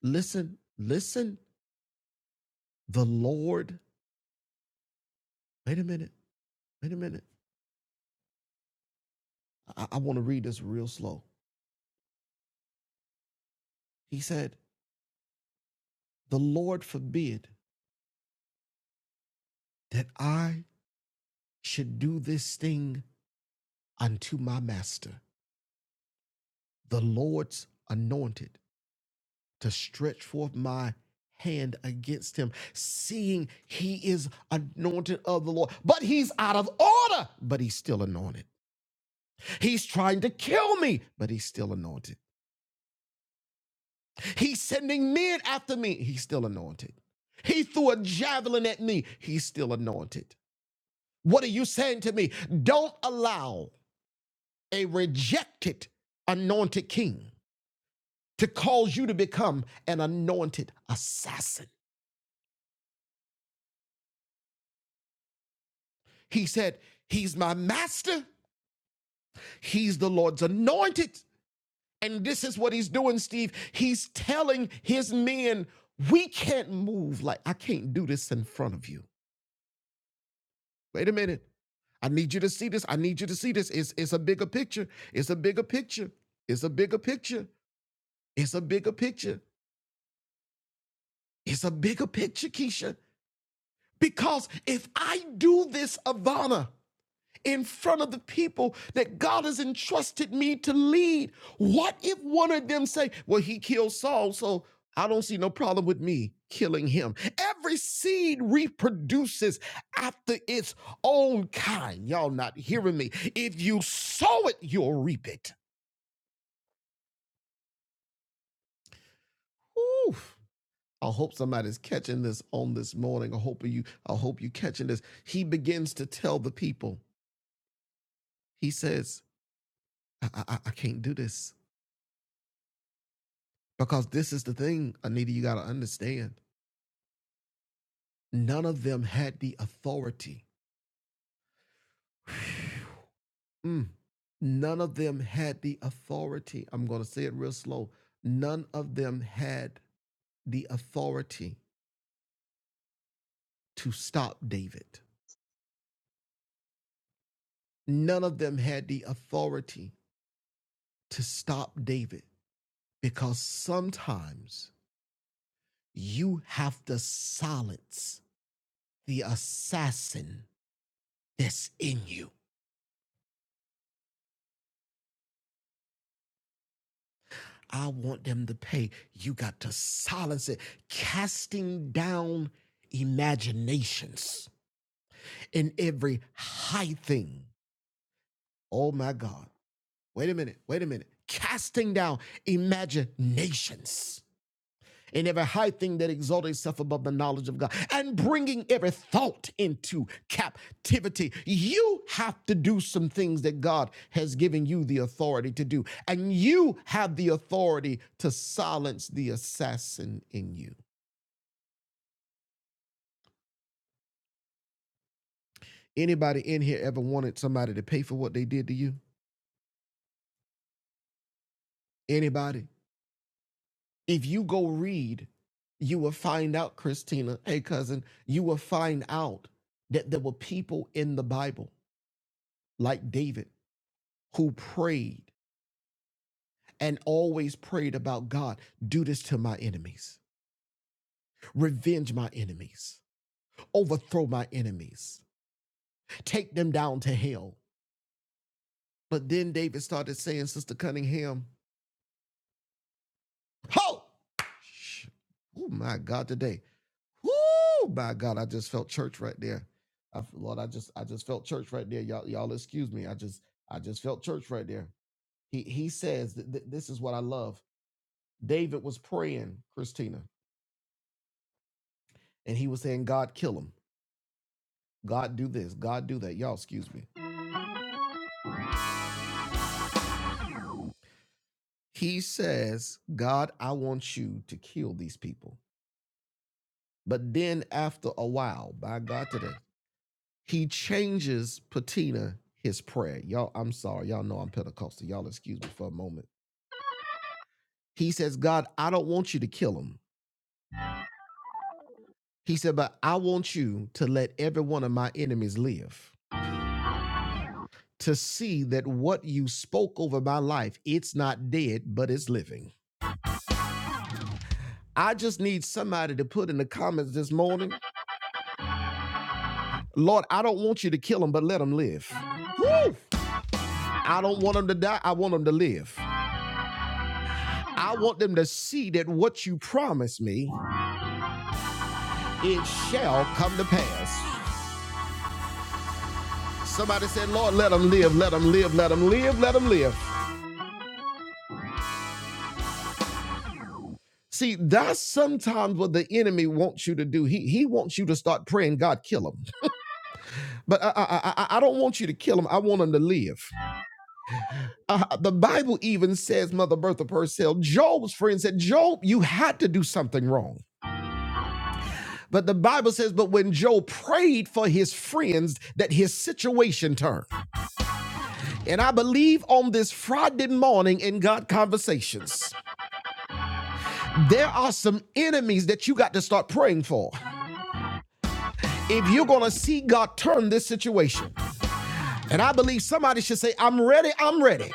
Speaker 1: Listen, listen. The Lord, wait a minute, wait a minute. I, I want to read this real slow. He said, The Lord forbid that I should do this thing unto my master, the Lord's anointed, to stretch forth my hand against him, seeing he is anointed of the Lord. But he's out of order, but he's still anointed. He's trying to kill me, but he's still anointed. He's sending men after me. He's still anointed. He threw a javelin at me. He's still anointed. What are you saying to me? Don't allow a rejected anointed king to cause you to become an anointed assassin. He said, He's my master. He's the Lord's anointed. And this is what he's doing, Steve. He's telling his men, We can't move like I can't do this in front of you. Wait a minute. I need you to see this. I need you to see this. It's it's a bigger picture. It's a bigger picture. It's a bigger picture. It's a bigger picture. It's a bigger picture, Keisha. Because if I do this, Ivana, in front of the people that God has entrusted me to lead. What if one of them say, well, he killed Saul, so I don't see no problem with me killing him. Every seed reproduces after its own kind. Y'all not hearing me. If you sow it, you'll reap it. Whew. I hope somebody's catching this on this morning. I hope you, I hope you catching this. He begins to tell the people, he says, I, I I can't do this. Because this is the thing, Anita, you got to understand. None of them had the authority. Mm. None of them had the authority. I'm going to say it real slow. None of them had the authority to stop David. None of them had the authority to stop David because sometimes you have to silence the assassin that's in you. I want them to pay. You got to silence it, casting down imaginations in every high thing. Oh my God. Wait a minute. Wait a minute. Casting down imaginations and every high thing that exalted itself above the knowledge of God, and bringing every thought into captivity. You have to do some things that God has given you the authority to do, and you have the authority to silence the assassin in you. Anybody in here ever wanted somebody to pay for what they did to you? Anybody? If you go read, you will find out, Christina, hey cousin, you will find out that there were people in the Bible like David who prayed and always prayed about God, do this to my enemies, revenge my enemies, overthrow my enemies, take them down to hell. But then David started saying, Sister Cunningham, ho! Oh my God, today. Oh my God, I just felt church right there. I, Lord, I just I just felt church right there. Y'all, y'all excuse me. I just I just felt church right there. He he says that th- this is what I love. David was praying, Christina. and he was saying, God, kill him. God, do this. God, do that. Y'all, excuse me. He says, God, I want you to kill these people. But then after a while, by God today, he changes patina his prayer. Y'all, I'm sorry. Y'all know I'm Pentecostal. Y'all, excuse me for a moment. He says, God, I don't want you to kill him. He said, but I want you to let every one of my enemies live to see that what you spoke over my life, it's not dead, but it's living. I just need somebody to put in the comments this morning, Lord, I don't want you to kill them, but let them live. Woo! I don't want them to die. I want them to live. I want them to see that what you promised me, it shall come to pass. Somebody said, Lord, let them live, let them live, let them live, let them live. See, that's sometimes what the enemy wants you to do. He, he wants you to start praying, God, kill them. But I, I, I, I I don't want you to kill them. I want them to live. Uh, the Bible even says, Mother Bertha Purcell, Job's friend said, Job, you had to do something wrong. But the Bible says, but when Job prayed for his friends, that his situation turned. And I believe on this Friday morning in God Conversations, there are some enemies that you got to start praying for if you're going to see God turn this situation. And I believe somebody should say, I'm ready, I'm ready.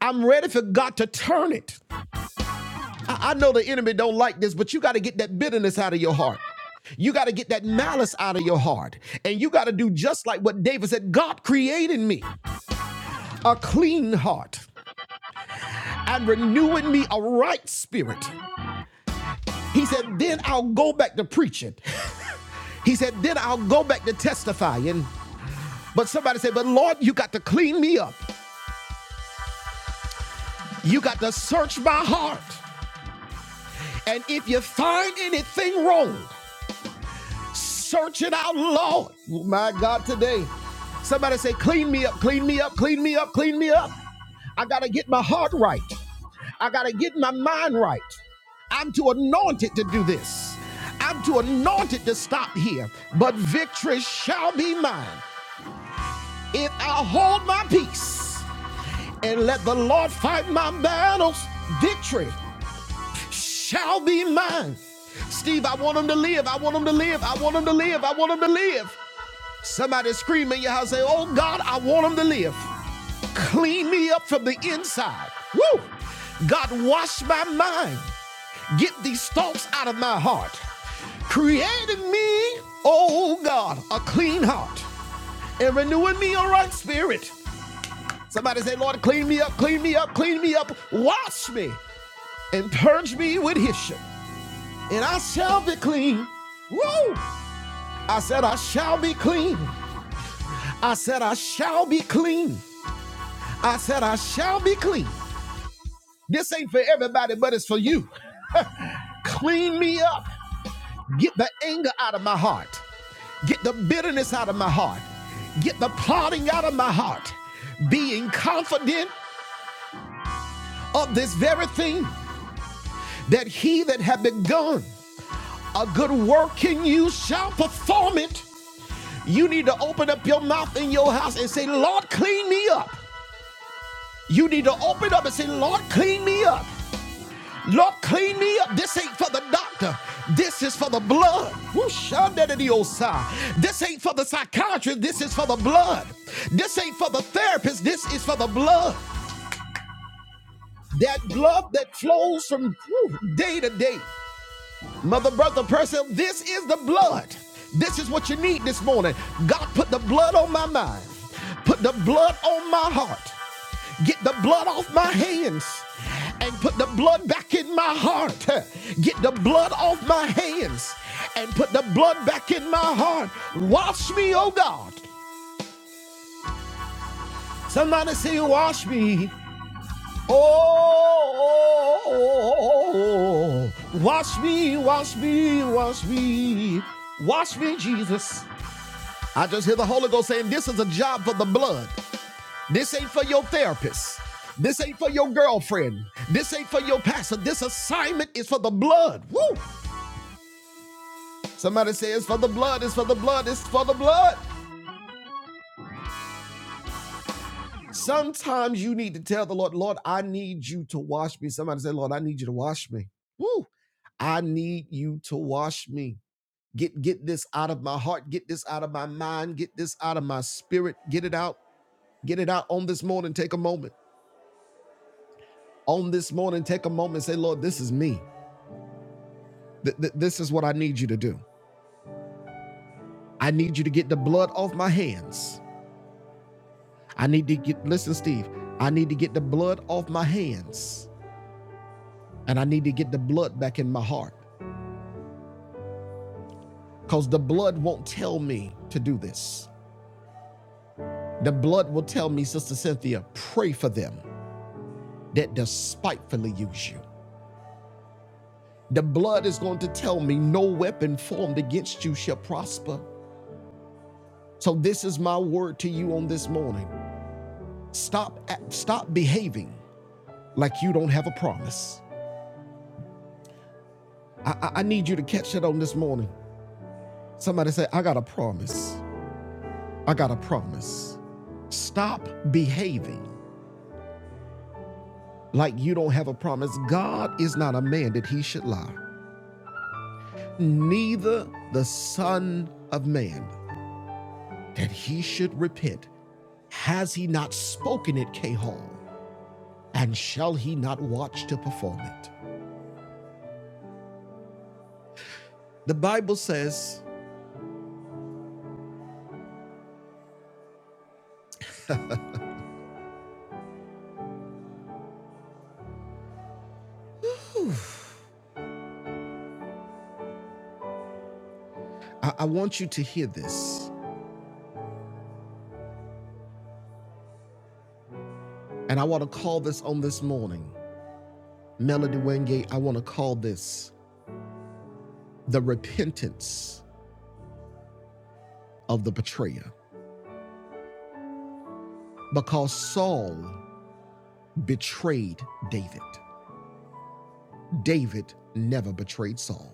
Speaker 1: I'm ready for God to turn it. I, I know the enemy don't like this, but you got to get that bitterness out of your heart. You got to get that malice out of your heart. And you got to do just like what David said God created me a clean heart and renew in me a right spirit. He said, then I'll go back to preaching. He said, then I'll go back to testifying. But somebody said, but Lord, you got to clean me up. You got to search my heart. And if you find anything wrong, Search it out, Lord. My God, today. Somebody say, clean me up, clean me up, clean me up, clean me up. I got to get my heart right. I got to get my mind right. I'm too anointed to do this. I'm too anointed to stop here. But victory shall be mine if I hold my peace and let the Lord fight my battles. Victory shall be mine. Steve, I want him to live. I want him to live. I want him to live. I want him to live. Somebody scream in your house, say, Oh God, I want him to live. Clean me up from the inside. Woo! God, wash my mind. Get these thoughts out of my heart. Create in me, oh God, a clean heart and renew in me a right spirit. Somebody say, Lord, clean me up, clean me up, clean me up. Wash me and purge me with hyssop, and I shall be clean. Woo! I said, I shall be clean. I said, I shall be clean. I said, I shall be clean. This ain't for everybody, but it's for you. Clean me up. Get the anger out of my heart. Get the bitterness out of my heart. Get the plotting out of my heart. Being confident of this very thing that he that hath begun a good work in you shall perform it. You need to open up your mouth in your house and say, Lord, clean me up. You need to open up and say, Lord, clean me up. Lord, clean me up. This ain't for the doctor. This is for the blood. Woo-shan-da-da-dee-oh-sah. This ain't for the psychiatrist. This is for the blood. This ain't for the therapist. This is for the blood. That blood that flows from day to day. Mother, brother, person, this is the blood. This is what you need this morning. God, put the blood on my mind, put the blood on my heart, get the blood off my hands. And put the blood back in my heart. Get the blood off my hands and put the blood back in my heart. Wash me, oh God. Somebody say, Wash me. Oh, oh, oh, oh, oh. wash me, wash me, wash me, wash me, Jesus. I just hear the Holy Ghost saying, This is a job for the blood. This ain't for your therapist. This ain't for your girlfriend. This ain't for your pastor. This assignment is for the blood. Woo! Somebody says, For the blood, it's for the blood, it's for the blood. Sometimes you need to tell the Lord, Lord, I need you to wash me. Somebody say, Lord, I need you to wash me. Woo. I need you to wash me. Get get this out of my heart, get this out of my mind, get this out of my spirit. Get it out. Get it out on this morning. Take a moment. On this morning, take a moment. and Say, Lord, this is me. Th- th- this is what I need you to do. I need you to get the blood off my hands. I need to get listen, Steve. I need to get the blood off my hands. And I need to get the blood back in my heart. because the blood won't tell me to do this. The blood will tell me, Sister Cynthia, pray for them that despitefully use you. The blood is going to tell me, no weapon formed against you shall prosper. So this is my word to you on this morning. Stop, stop behaving like you don't have a promise. I, I, I need you to catch it on this morning. Somebody say, I got a promise. I got a promise. Stop behaving like you don't have a promise. God is not a man that he should lie, neither the Son of Man that he should repent. Has he not spoken it, Cahal? And shall he not watch to perform it? The Bible says, I, I want you to hear this, and I want to call this on this morning. Melody Wingate, I want to call this the repentance of the betrayer because Saul betrayed David. David never betrayed Saul.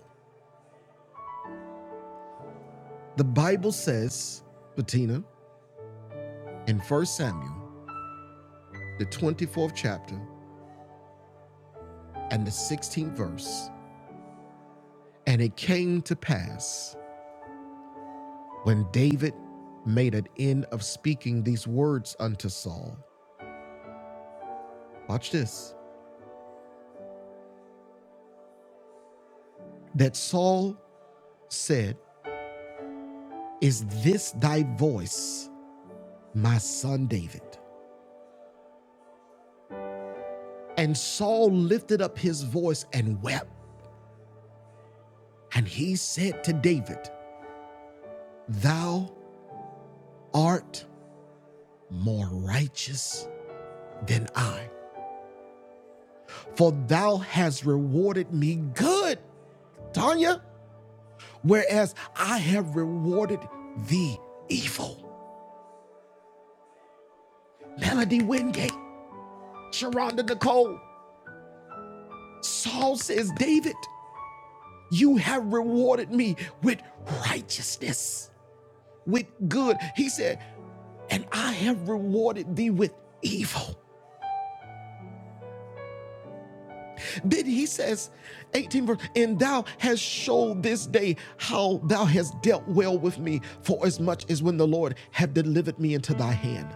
Speaker 1: The Bible says, Bettina, in 1 Samuel, the 24th chapter and the 16th verse, and it came to pass when David made an end of speaking these words unto Saul. Watch this. That Saul said, Is this thy voice, my son David? And Saul lifted up his voice and wept. And he said to David, Thou art more righteous than I, for thou hast rewarded me good, Tanya, whereas I have rewarded thee evil. Melody Wingate, Sharonda Nicole, Saul says, David, you have rewarded me with righteousness, with good. He said, and I have rewarded thee with evil. Then he says, 18 verse, and thou hast showed this day how thou hast dealt well with me, for as much as when the Lord had delivered me into thy hand,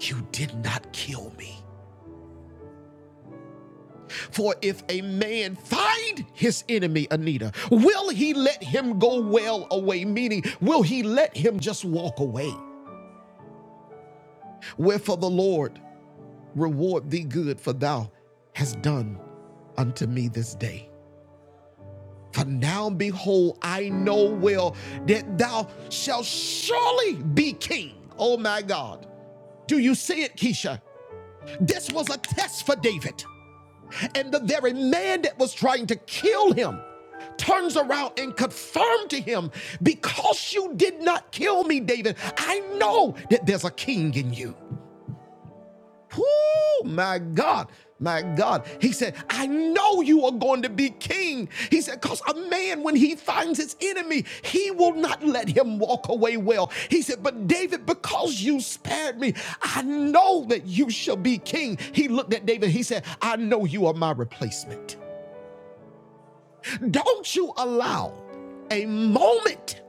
Speaker 1: you did not kill me. For if a man find his enemy, Anita, will he let him go well away? Meaning, will he let him just walk away? Wherefore the Lord reward thee good, for thou hast done unto me this day. For now, behold, I know well that thou shalt surely be king. Oh my God. Do you see it, Keisha? This was a test for David. And the very man that was trying to kill him turns around and confirmed to him, Because you did not kill me, David, I know that there's a king in you. Whoo, my God, my God. He said, I know you are going to be king. He said, because a man, when he finds his enemy, he will not let him walk away well. He said, But David, because you spared me, I know that you shall be king. He looked at David, he said, I know you are my replacement. Don't you allow a moment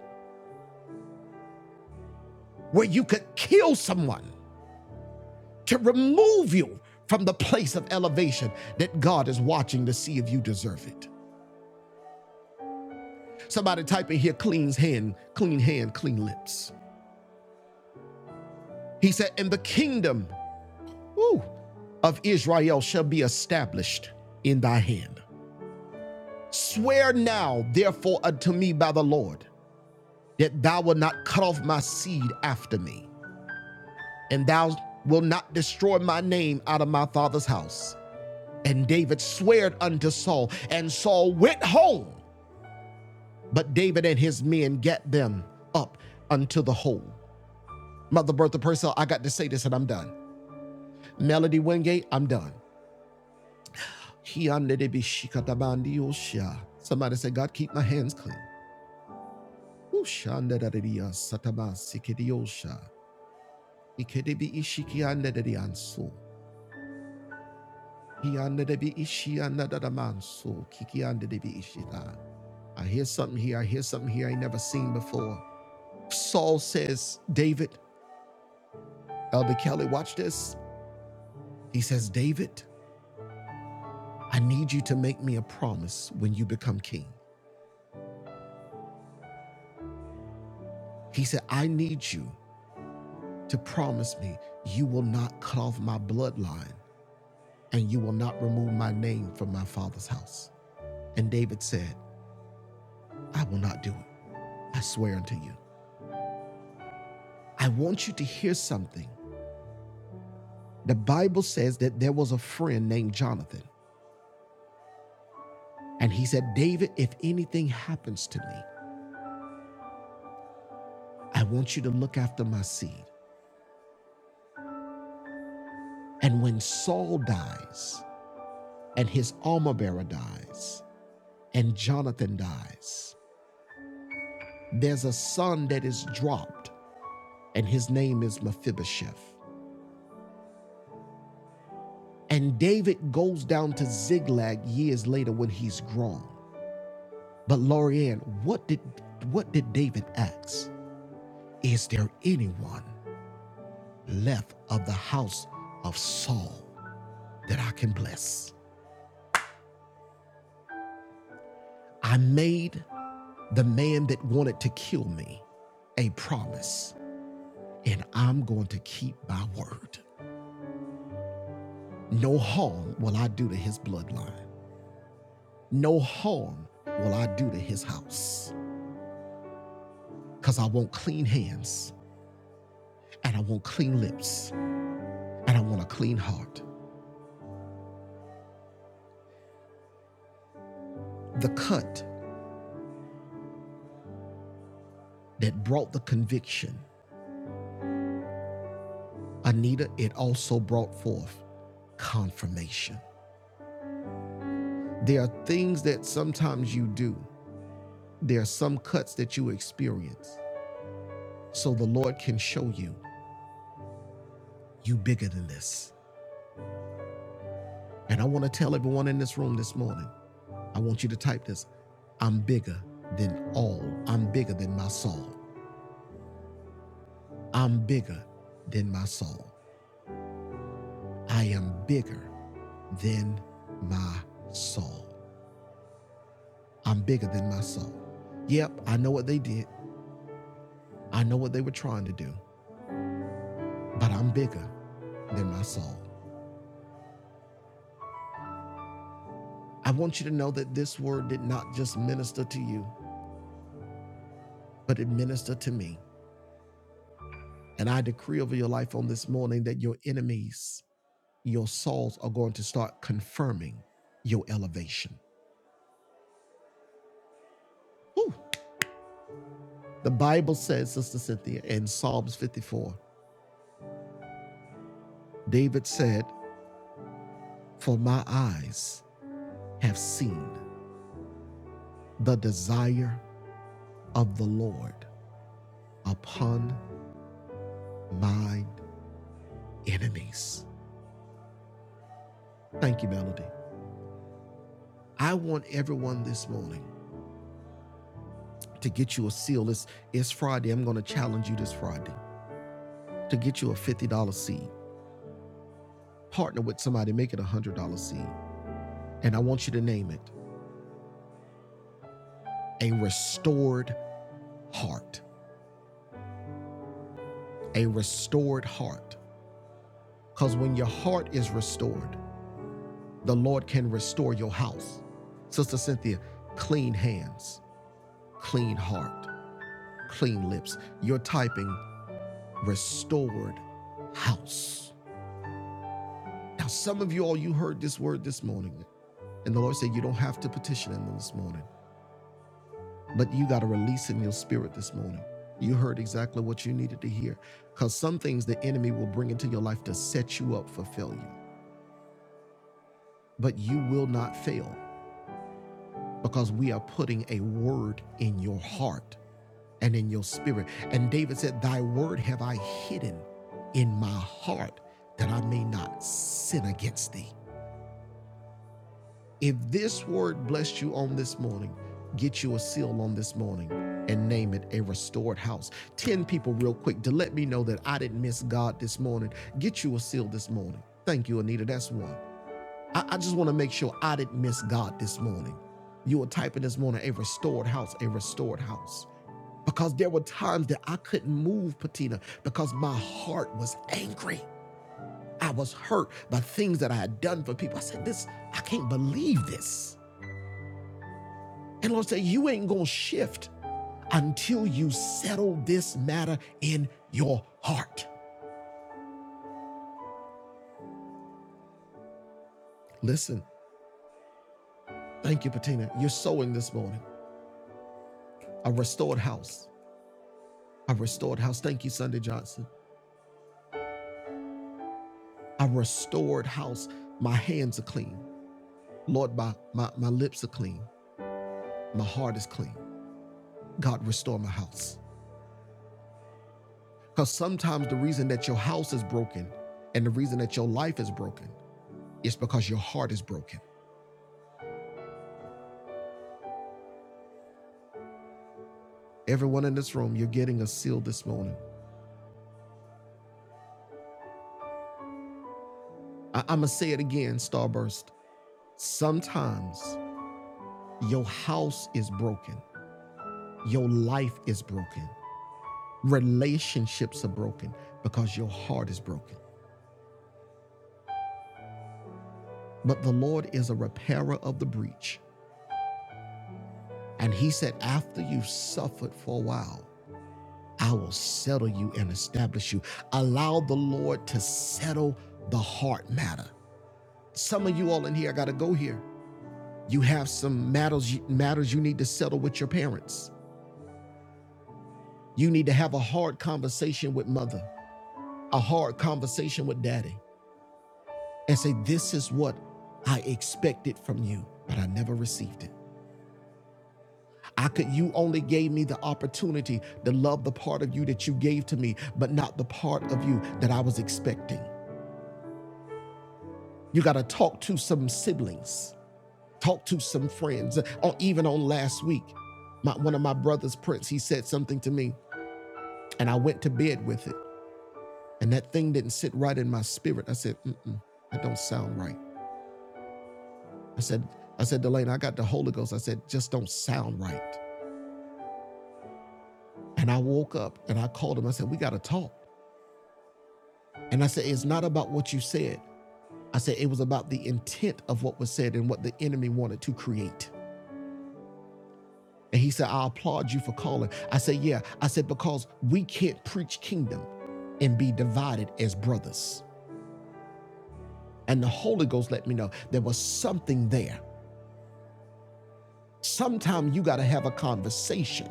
Speaker 1: where you could kill someone to remove you from the place of elevation that God is watching to see if you deserve it. Somebody type in here, clean hand, clean hand, clean lips. He said, and the kingdom woo, of Israel shall be established in thy hand. Swear now, therefore, unto me by the Lord, that thou wilt not cut off my seed after me, and thou wilt not destroy my name out of my father's house. And David swore unto Saul, and Saul went home But David and his men get them up unto the hole. Mother Bertha Purcell, I got to say this and I'm done. Melody Wingate, I'm done. Somebody say, God, keep my hands clean. Ushandadadiya satabasikidiosha. Ikedebiishikiandadadianso. Hiandedebiishiandadadamanso. Kikiandedebishita. I hear something here. I hear something here I ain't never seen before. Saul says, David, Elder Kelly, watch this. He says, David, I need you to make me a promise when you become king. He said, I need you to promise me you will not cut off my bloodline and you will not remove my name from my father's house. And David said, I will not do it. I swear unto you. I want you to hear something. The Bible says that there was a friend named Jonathan, and he said, David, if anything happens to me, I want you to look after my seed. And when Saul dies, and his armor bearer dies, and Jonathan dies. There's a son that is dropped, and his name is Mephibosheth. And David goes down to Ziklag years later when he's grown. But Lorianne, what did what did David ask? Is there anyone left of the house of Saul that I can bless? I made the man that wanted to kill me a promise, and I'm going to keep my word. No harm will I do to his bloodline. No harm will I do to his house. Because I want clean hands, and I want clean lips, and I want a clean heart. The cut that brought the conviction, Anita, it also brought forth confirmation. There are things that sometimes you do, there are some cuts that you experience, so the Lord can show you, you bigger than this. And I want to tell everyone in this room this morning I want you to type this. I'm bigger than all. I'm bigger than my Saul. I'm bigger than my Saul. I am bigger than my Saul. I'm bigger than my Saul. Yep, I know what they did. I know what they were trying to do, but I'm bigger than my Saul. I want you to know that this word did not just minister to you, but it ministered to me. And I decree over your life on this morning that your enemies your souls are going to start confirming your elevation. Whew. The Bible says, Sister Cynthia, in Psalms 54, David said, For my eyes have seen the desire of the Lord upon mine enemies. Thank you, Melody. I want everyone this morning to get you a seal. It's, it's Friday. I'm going to challenge you this Friday to get you a $50 seed. Partner with somebody, make it a $100 seed. And I want you to name it a restored heart. A restored heart. Because when your heart is restored, the Lord can restore your house. Sister Cynthia, clean hands, clean heart, clean lips. You're typing restored house. Now, some of you all, you heard this word this morning, and the Lord said, You don't have to petition Him this morning. But you got to release in your spirit this morning. You heard exactly what you needed to hear. Because some things the enemy will bring into your life to set you up for failure. But you will not fail because we are putting a word in your heart and in your spirit. And David said, Thy word have I hidden in my heart that I may not sin against thee. If this word blessed you on this morning, get you a seal on this morning and name it a restored house. 10 people, real quick, to let me know that I didn't miss God this morning. Get you a seal this morning. Thank you, Anita. That's one. I, I just want to make sure I didn't miss God this morning. You were typing this morning a restored house, a restored house. Because there were times that I couldn't move, Patina, because my heart was angry. I was hurt by things that I had done for people. I said, This, I can't believe this. And Lord said, You ain't going to shift until you settle this matter in your heart. Listen, thank you, Patina. You're sowing this morning a restored house. A restored house. Thank you, Sunday Johnson. A restored house. My hands are clean. Lord, my, my, my lips are clean. My heart is clean. God, restore my house. Because sometimes the reason that your house is broken and the reason that your life is broken is because your heart is broken. Everyone in this room, you're getting a seal this morning. I- I'm going to say it again, Starburst. Sometimes your house is broken, your life is broken, relationships are broken because your heart is broken. But the Lord is a repairer of the breach. And He said, After you've suffered for a while, I will settle you and establish you. Allow the Lord to settle the heart matter. Some of you all in here, I got to go here. You have some matters, matters you need to settle with your parents You need to have a hard conversation with mother, a hard conversation with daddy, and say, This is what I expected from you, but I never received it. I could, you only gave me the opportunity to love the part of you that you gave to me, but not the part of you that I was expecting. You got to talk to some siblings, talk to some friends, or even on last week. My, one of my brothers, Prince, he said something to me, and I went to bed with it. And that thing didn't sit right in my spirit. I said, Mm-mm, that don't sound right. I said, I said, Delane, I got the Holy Ghost. I said, just don't sound right. And I woke up and I called him. I said, we got to talk. And I said, it's not about what you said. I said, it was about the intent of what was said and what the enemy wanted to create. And he said, I applaud you for calling. I said, yeah. I said, because we can't preach kingdom and be divided as brothers. And the Holy Ghost let me know there was something there Sometimes you got to have a conversation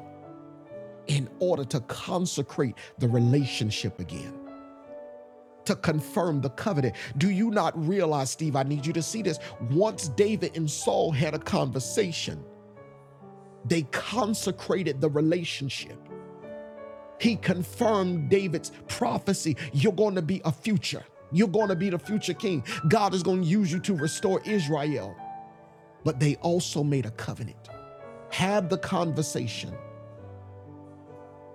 Speaker 1: in order to consecrate the relationship again, to confirm the covenant. Do you not realize, Steve? I need you to see this. Once David and Saul had a conversation, they consecrated the relationship. He confirmed David's prophecy you're going to be a future. You're going to be the future king. God is going to use you to restore Israel. But they also made a covenant. Have the conversation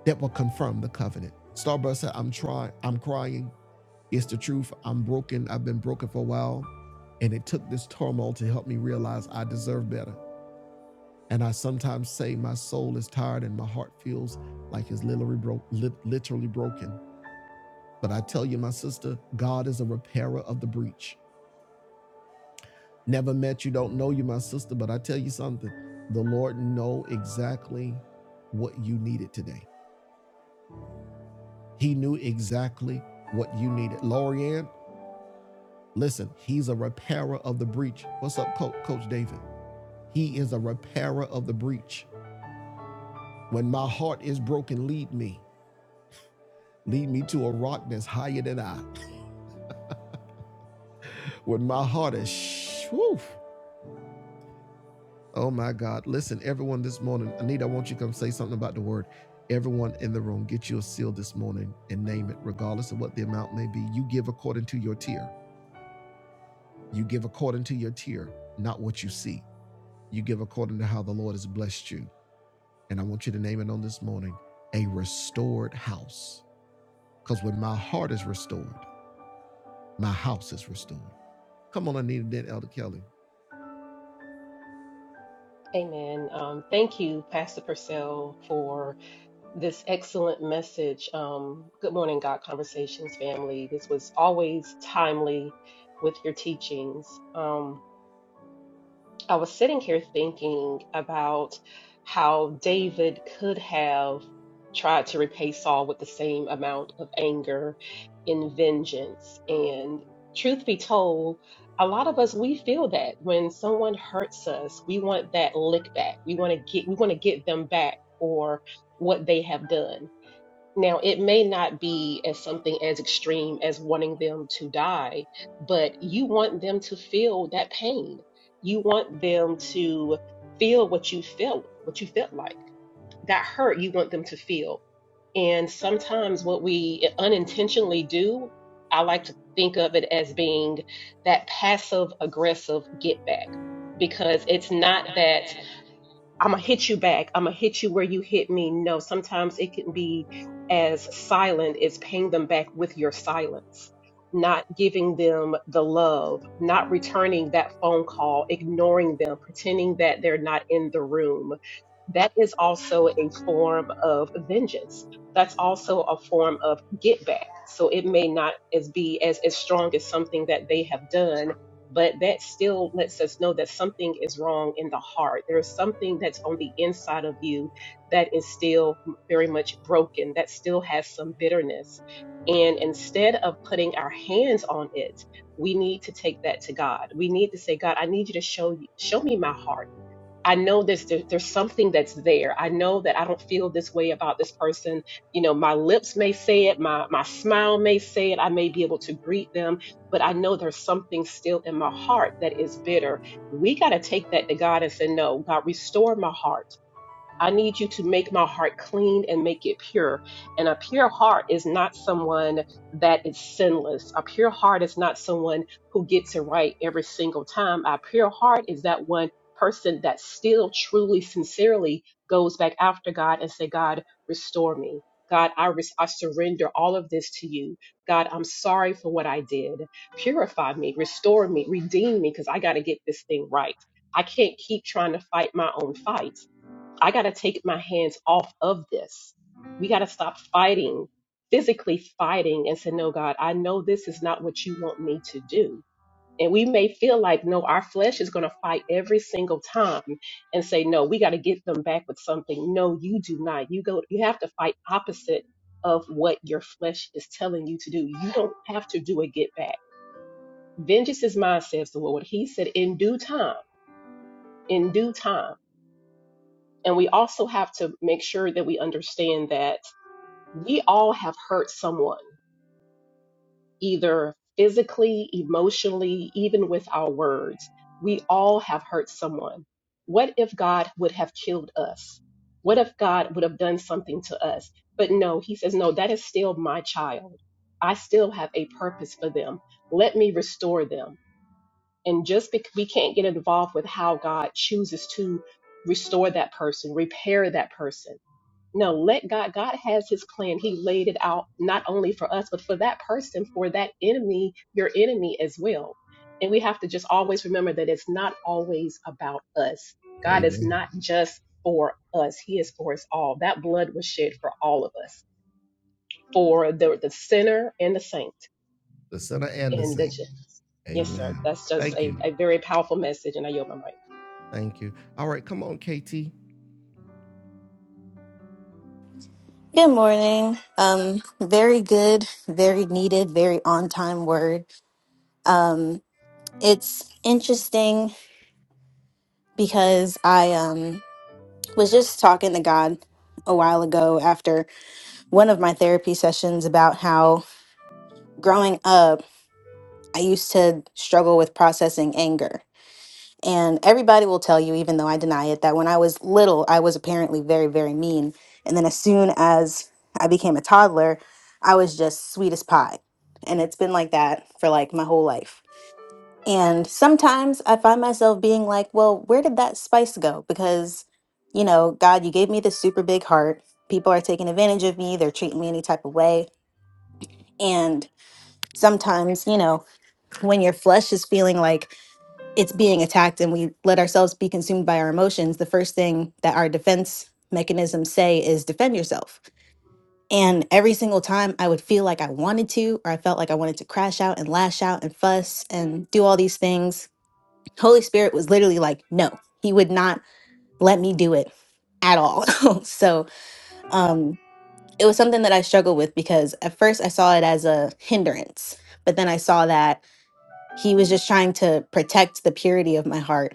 Speaker 1: that will confirm the covenant. Starburst said, I'm trying, I'm crying. It's the truth. I'm broken. I've been broken for a while. And it took this turmoil to help me realize I deserve better. And I sometimes say my soul is tired and my heart feels like it's literally, bro- lit- literally broken. But I tell you, my sister, God is a repairer of the breach. Never met you, don't know you, my sister, but I tell you something. The Lord know exactly what you needed today. He knew exactly what you needed. Loriann, Listen, he's a repairer of the breach. What's up, Coach, Coach David? He is a repairer of the breach. When my heart is broken, lead me. Lead me to a rock that's higher than I. When my heart is, shh, whew. oh my God. Listen, everyone this morning, Anita, I want you to come say something about the word. Everyone in the room, get you a seal this morning and name it, regardless of what the amount may be. You give according to your tier. You give according to your tier, not what you see. You give according to how the Lord has blessed you. And I want you to name it on this morning a restored house. Because when my heart is restored, my house is restored. Come on, I need that, Elder Kelly.
Speaker 3: Amen. Um, thank you, Pastor Purcell, for this excellent message. Um, good morning, God Conversations family. This was always timely with your teachings. Um, I was sitting here thinking about how David could have tried to repay Saul with the same amount of anger and vengeance. And truth be told, a lot of us we feel that when someone hurts us, we want that lick back. We want to get we want to get them back for what they have done. Now, it may not be as something as extreme as wanting them to die, but you want them to feel that pain. You want them to feel what you felt, what you felt like. That hurt you want them to feel. And sometimes what we eh, unintentionally do, I like to think of it as being that passive aggressive get back because it's not that I'm gonna hit you back. I'm gonna hit you where you hit me. No, sometimes it can be as silent as paying them back with your silence, not giving them the love, not returning that phone call, ignoring them, pretending that they're not in the room. That is also a form of vengeance. That's also a form of get back. So it may not as be as, as strong as something that they have done, but that still lets us know that something is wrong in the heart. There is something that's on the inside of you that is still m- very much broken, that still has some bitterness. And instead of putting our hands on it, we need to take that to God. We need to say, God, I need you to show you, show me my heart. I know this, there, there's something that's there. I know that I don't feel this way about this person. You know, my lips may say it, my, my smile may say it, I may be able to greet them, but I know there's something still in my heart that is bitter. We got to take that to God and say, No, God, restore my heart. I need you to make my heart clean and make it pure. And a pure heart is not someone that is sinless. A pure heart is not someone who gets it right every single time. A pure heart is that one person that still truly, sincerely goes back after God and say, God, restore me. God, I, res- I surrender all of this to you. God, I'm sorry for what I did. Purify me, restore me, redeem me, because I got to get this thing right. I can't keep trying to fight my own fight. I got to take my hands off of this. We got to stop fighting, physically fighting, and say, No, God, I know this is not what you want me to do. And we may feel like, no, our flesh is going to fight every single time and say, no, we got to get them back with something. No, you do not. You go, you have to fight opposite of what your flesh is telling you to do. You don't have to do a get back. Vengeance is mine, says the Lord. He said, in due time, in due time. And we also have to make sure that we understand that we all have hurt someone, either physically, emotionally, even with our words. We all have hurt someone. What if God would have killed us? What if God would have done something to us? But no, he says, no, that is still my child. I still have a purpose for them. Let me restore them. And just because we can't get involved with how God chooses to restore that person, repair that person no, let God, God has his plan. He laid it out not only for us, but for that person, for that enemy, your enemy as well. And we have to just always remember that it's not always about us. God is
Speaker 1: Amen.
Speaker 3: not just for us, he is for us all. That blood was shed for all of us, for the, the sinner and the saint.
Speaker 1: The sinner and the
Speaker 3: And that's
Speaker 1: saint.
Speaker 3: just, yes, sir,
Speaker 1: Amen.
Speaker 3: that's just
Speaker 1: Thank
Speaker 3: a,
Speaker 1: you.
Speaker 3: a very powerful message. And I yield my mic.
Speaker 1: Thank you. All right, come on, KT.
Speaker 4: Good morning. Um, very good, very needed, very on time word. Um, it's interesting because I um, was just talking to God a while ago after one of my therapy sessions about how growing up, I used to struggle with processing anger. And everybody will tell you, even though I deny it, that when I was little, I was apparently very, very mean. And then as soon as I became a toddler, I was just sweet as pie. And it's been like that for like my whole life. And sometimes I find myself being like, well, where did that spice go? Because, you know, God, you gave me this super big heart. People are taking advantage of me, they're treating me any type of way. And sometimes, you know, when your flesh is feeling like it's being attacked and we let ourselves be consumed by our emotions, the first thing that our defense mechanisms say is defend yourself. And every single time I would feel like I wanted to, or I felt like I wanted to crash out and lash out and fuss and do all these things, Holy Spirit was literally like, no, he would not let me do it at all. so um, it was something that I struggled with because at first I saw it as a hindrance, but then I saw that he was just trying to protect the purity of my heart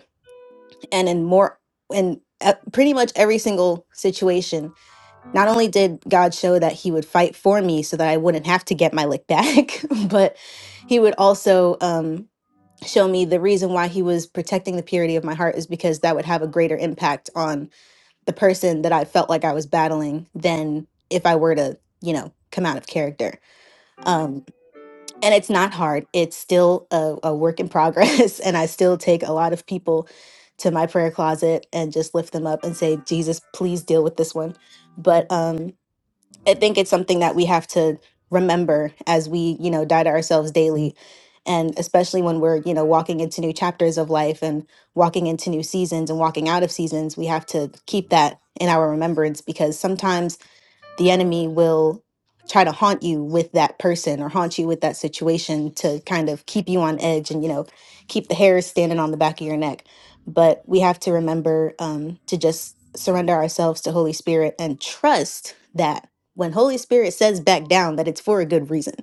Speaker 4: and in more in uh, pretty much every single situation not only did god show that he would fight for me so that i wouldn't have to get my lick back but he would also um show me the reason why he was protecting the purity of my heart is because that would have a greater impact on the person that i felt like i was battling than if i were to you know come out of character Um, and it's not hard it's still a, a work in progress and i still take a lot of people to my prayer closet and just lift them up and say jesus please deal with this one but um i think it's something that we have to remember as we you know die to ourselves daily and especially when we're you know walking into new chapters of life and walking into new seasons and walking out of seasons we have to keep that in our remembrance because sometimes the enemy will try to haunt you with that person or haunt you with that situation to kind of keep you on edge and you know keep the hairs standing on the back of your neck but we have to remember um, to just surrender ourselves to holy spirit and trust that when holy spirit says back down that it's for a good reason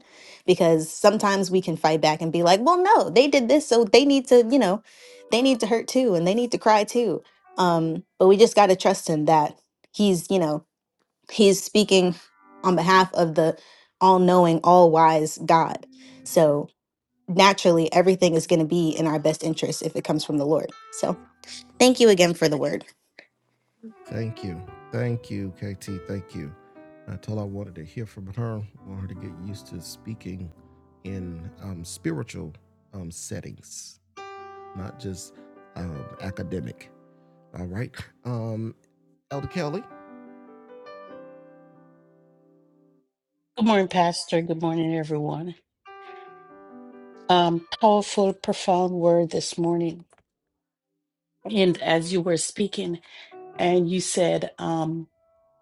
Speaker 4: because sometimes we can fight back and be like well no they did this so they need to you know they need to hurt too and they need to cry too um, but we just got to trust him that he's you know he's speaking on behalf of the all-knowing all-wise god so naturally everything is going to be in our best interest if it comes from the lord so thank you again for the word
Speaker 1: Thank you. Thank you, KT. Thank you. I told her I wanted to hear from her. I want her to get used to speaking in um, spiritual um, settings, not just um, academic. All right. Um, Elder Kelly,
Speaker 5: Good morning, Pastor. Good morning, everyone. Um, powerful, profound word this morning. And as you were speaking, and you said um,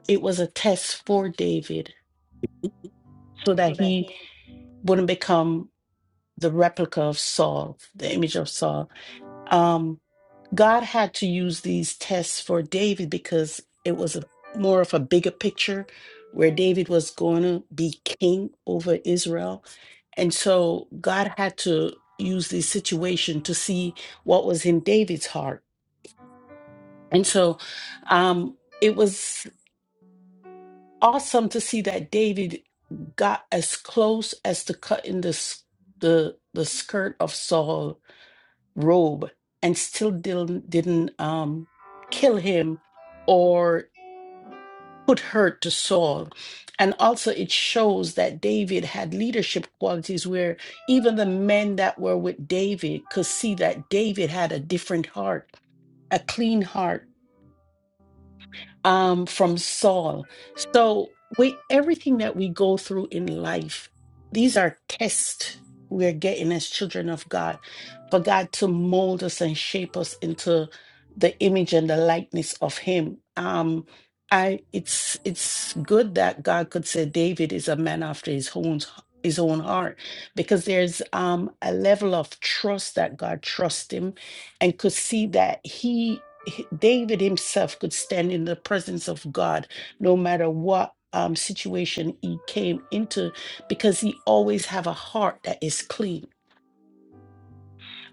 Speaker 5: it was a test for David so that he wouldn't become the replica of Saul, the image of Saul. Um, God had to use these tests for David because it was a, more of a bigger picture where David was going to be king over Israel And so God had to use this situation to see what was in David's heart. And so um, it was awesome to see that David got as close as to cutting the, s- the, the skirt of Saul's robe and still didn't, didn't um, kill him put her to Saul. And also, it shows that David had leadership qualities where even the men that were with David could see that David had a different heart, a clean heart um, from Saul. So we everything that we go through in life, these are tests we're getting as children of God, for God to mold us and shape us into the image and the likeness of Him. Um, I it's it's good that God could say David is a man after His own his own heart because there's um a level of trust that God trusts him and could see that he he- David himself could stand in the presence of God no matter what um, situation he came into because he always have a heart that is clean,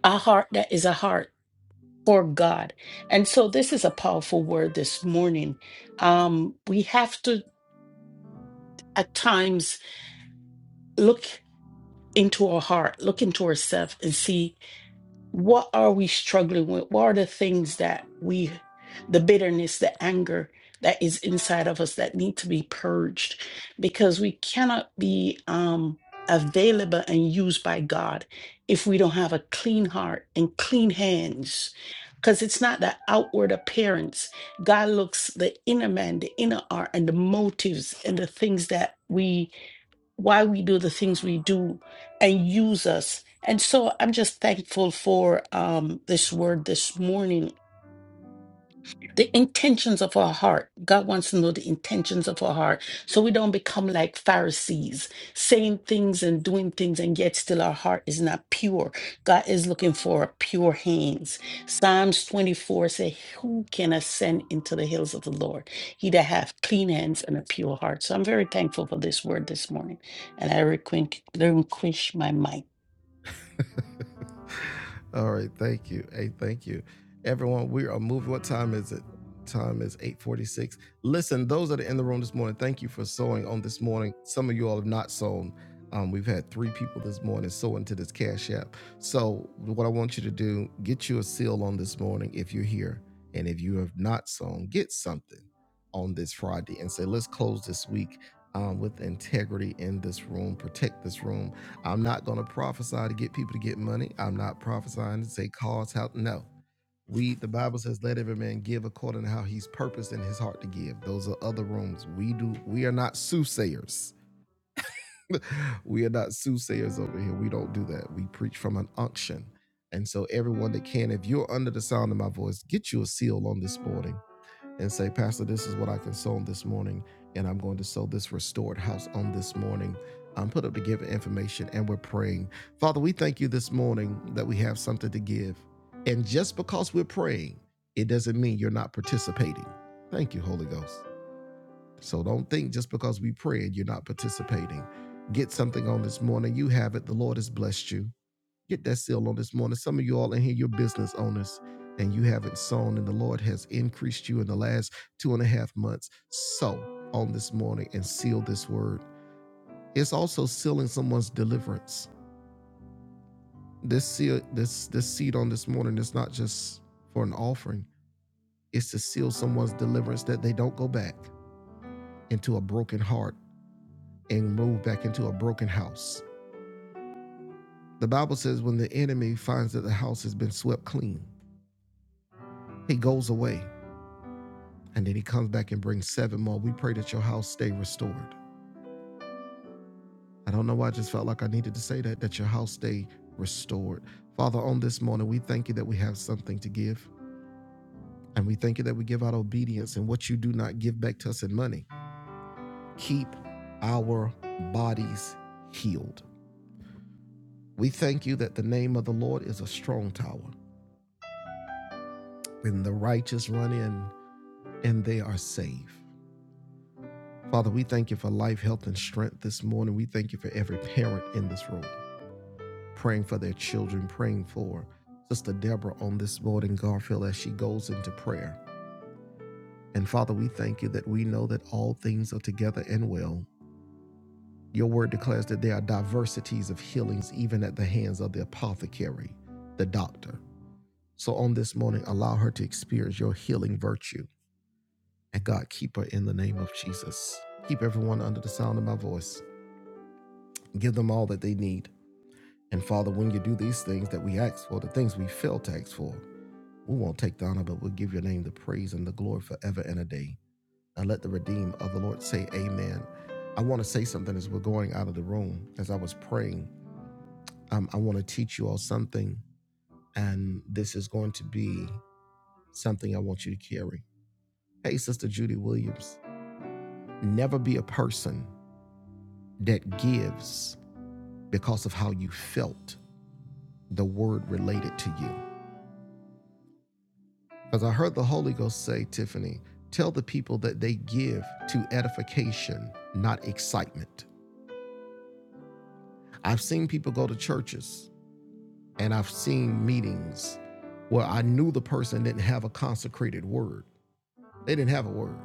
Speaker 5: a heart that is a heart for God. And so this is a powerful word this morning. Um, we have to at times look into our heart, look into ourselves and see What are we struggling with? What are the things that we, the bitterness, the anger that is inside of us that need to be purged? Because we cannot be um, available and used by God if we don't have a clean heart and clean hands. Because it's not the outward appearance. God looks the inner man, the inner art, and the motives and the things that we why we do the things we do and use us. And so I'm just thankful for um, this word this morning the intentions of our heart. God wants to know the intentions of our heart so we don't become like Pharisees, saying things and doing things, and yet still our heart is not pure. God is looking for pure hands. Psalms 24 say, Who can ascend into the hills of the Lord? He that hath clean hands and a pure heart. So I'm very thankful for this word this morning, and I requin- relinquish my mic.
Speaker 1: All right, thank you. Hey, thank you. Everyone, we are moving. What time is it? Time is 846. Listen, those that are in the room this morning, thank you for sewing on this morning. Some of you all have not sewn. Um, we've had three people this morning sew into this cash app. So what I want you to do, get you a seal on this morning if you're here. And if you have not sewn, get something on this Friday and say, let's close this week um, with integrity in this room, protect this room I'm not going to prophesy to get people to get money. I'm not prophesying to say cause how. No, we the Bible says let every man give according to how he's purposed in his heart to give. Those are other rooms. We do. We are not soothsayers. we are not soothsayers over here. We don't do that. We preach from an unction. And so everyone that can, if you're under the sound of my voice, get you a seal on this morning and say, Pastor, this is what I can sow on this morning, and I'm going to sow this restored house on this morning. Um, put up the give information, and we're praying. Father, we thank you this morning that we have something to give. And just because we're praying, it doesn't mean you're not participating. Thank you, Holy Ghost. So don't think just because we prayed, you're not participating. Get something on this morning. You have it. The Lord has blessed you. Get that seal on this morning. Some of you all in here, you're business owners and you haven't sown, and the Lord has increased you in the last two and a half months. Sow on this morning and seal this word. It's also sealing someone's deliverance. This seal, this this seed on this morning is not just for an offering. It's to seal someone's deliverance that they don't go back into a broken heart and move back into a broken house. The Bible says when the enemy finds that the house has been swept clean, he goes away And then he comes back and brings seven more. We pray that your house stay restored. I don't know why I just felt like I needed to say that, that your house stay restored. Father, on this morning, we thank you that we have something to give. And we thank you that we give out obedience and what you do not give back to us in money. Keep our bodies healed. We thank you that the name of the Lord is a strong tower. When the righteous run in and they are saved. Father, we thank you for life, health, and strength this morning. We thank you for every parent in this room. praying for their children, praying for Sister Deborah on this morning, Garfield, as she goes into prayer. And Father, we thank you that we know that all things are together and well. Your word declares that there are diversities of healings, even at the hands of the apothecary, the doctor. So on this morning, allow her to experience your healing virtue. And God, keep her in the name of Jesus. Keep everyone under the sound of my voice. Give them all that they need. And Father, when you do these things that we ask for, the things we fail to ask for, We won't take the honor, but we'll give your name the praise and the glory forever and a day. Now let the redeemed of the Lord say amen. I want to say something as we're going out of the room, as I was praying. Um, I want to teach you all something, and this is going to be something I want you to carry. Hey, Sister Judy Williams, never be a person that gives because of how you felt the word related to you. Because I heard the Holy Ghost say, Tiffany, tell the people that they give to edification, not excitement. I've seen people go to churches and I've seen meetings where I knew the person didn't have a consecrated word. They didn't have a word.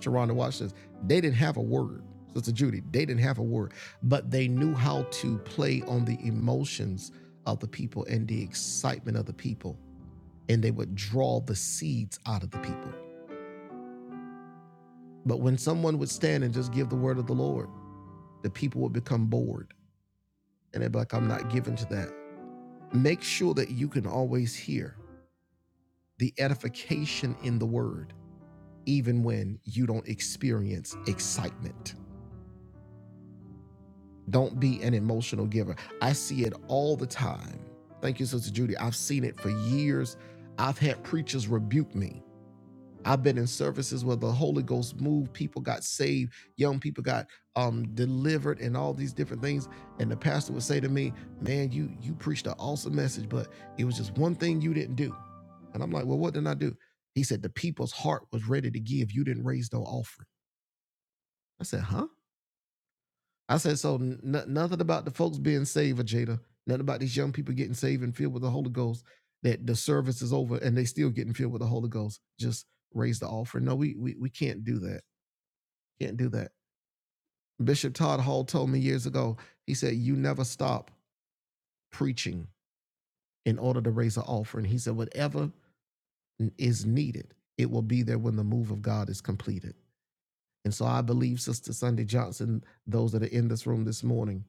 Speaker 1: Sharonda, watch this. They didn't have a word. Sister Judy, they didn't have a word, but they knew how to play on the emotions of the people and the excitement of the people, and they would draw the seeds out of the people. But when someone would stand and just give the word of the Lord, the people would become bored and they'd be like, I'm not given to that. Make sure that you can always hear the edification in the word, even when you don't experience excitement. Don't be an emotional giver. I see it all the time. Thank you, Sister Judy. I've seen it for years. I've had preachers rebuke me I've been in services where the Holy Ghost moved, people got saved, young people got um delivered and all these different things. And the pastor would say to me, Man, you you preached an awesome message, but it was just one thing you didn't do. And I'm like, Well, what did I do? He said, The people's heart was ready to give. You didn't raise no offering. I said, Huh? I said, So n- nothing about the folks being saved, Jada. Nothing about these young people getting saved and filled with the Holy Ghost that the service is over and they still getting filled with the Holy Ghost. Just raise the offering. No, we we, we can't do that Can't do that. Bishop Todd Hall told me years ago, he said, You never stop preaching in order to raise an offering. He said, Whatever is needed, it will be there when the move of God is completed. And so I believe, Sister Sunday Johnson, those that are in this room this morning,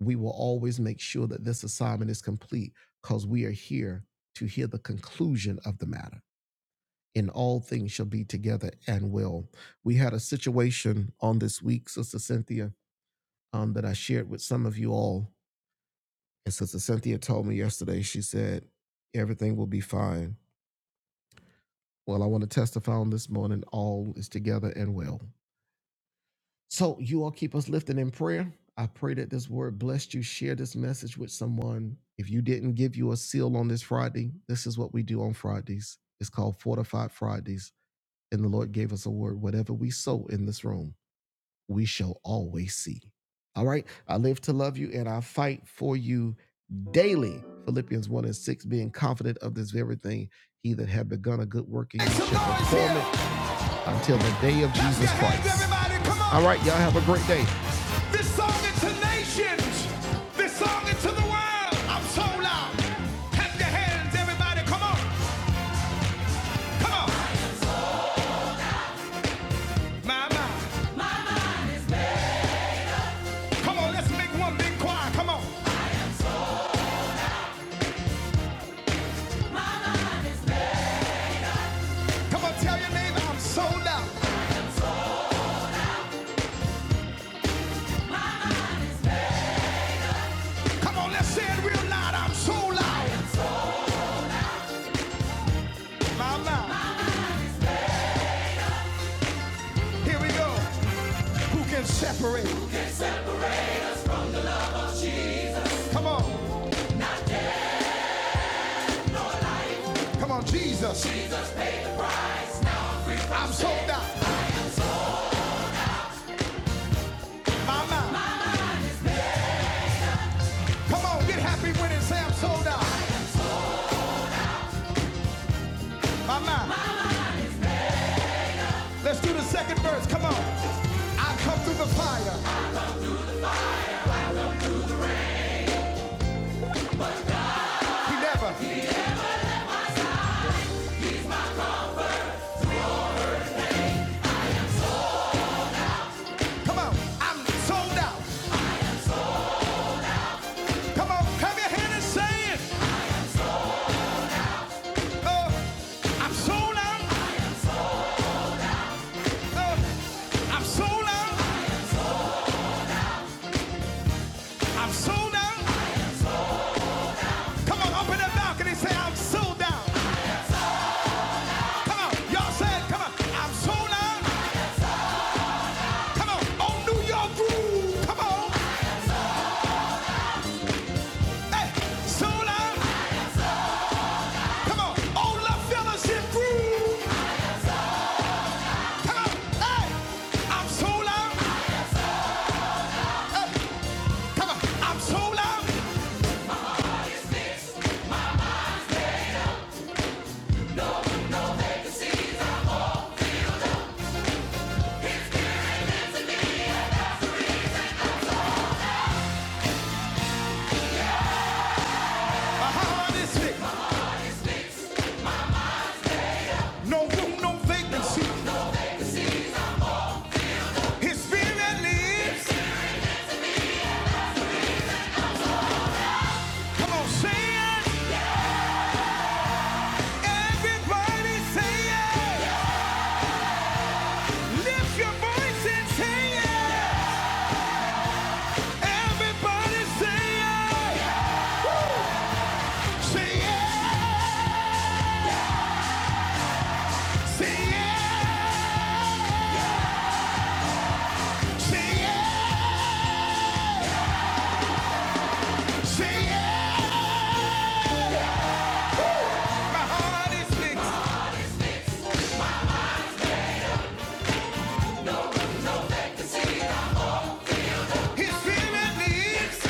Speaker 1: we will always make sure that this assignment is complete because we are here to hear the conclusion of the matter. In all things shall be together and well. We had a situation on this week, Sister Cynthia, um, that I shared with some of you all And Sister Cynthia told me yesterday, she said, everything will be fine. Well, I want to testify on this morning, all is together and well. So you all keep us lifted in prayer. I pray that this word blessed you. Share this message with someone. If you didn't give you a seal on this Friday, this is what we do on Fridays. It's called Fortified Fridays. And the Lord gave us a word. Whatever we sow in this room, we shall always see. All right. I live to love you and I fight for you daily. Philippians 1 and 6, being confident of this very thing. He that had begun a good work in you shall perform it until the day of Jesus Christ. alright Y'all have a great day. This song into nations. This song into the world. I'm so loud. Clap your hands, everybody. Come on. Come on. My, my. Come on, let's make one big choir. Come on. Come on, tell your neighbor I'm so loud. Come on, let's say it real loud. I'm so loud. My loud. Here we go. Who can separate? Come on. Come on, Jesus. I'm sold out. My mind. Come on, get happy with it. Say I'm sold out. My mind. Let's do the second verse. Come on. I come through the fire. He never. Come on. I'm sold out. Come on. Come your hand and say it. Uh, I'm sold out. Uh, I'm sold out. I'm sold out. Come on, up in the balcony, say I'm sold out. Come on, y'all say Come on, I'm so loud. Come on, on New York groove. Come on, hey, so loud. Come on, on La Fellowship groove. Come on, hey, I'm so loud. Come on, I'm so loud. How huh this thing. No room, no vacancy. His spirit lives. Come on, say it. Everybody say it. Lift your voice and say it. Everybody say it. Say it. Sing it, sing it, sing it. My heart is fixed. His spirit lives.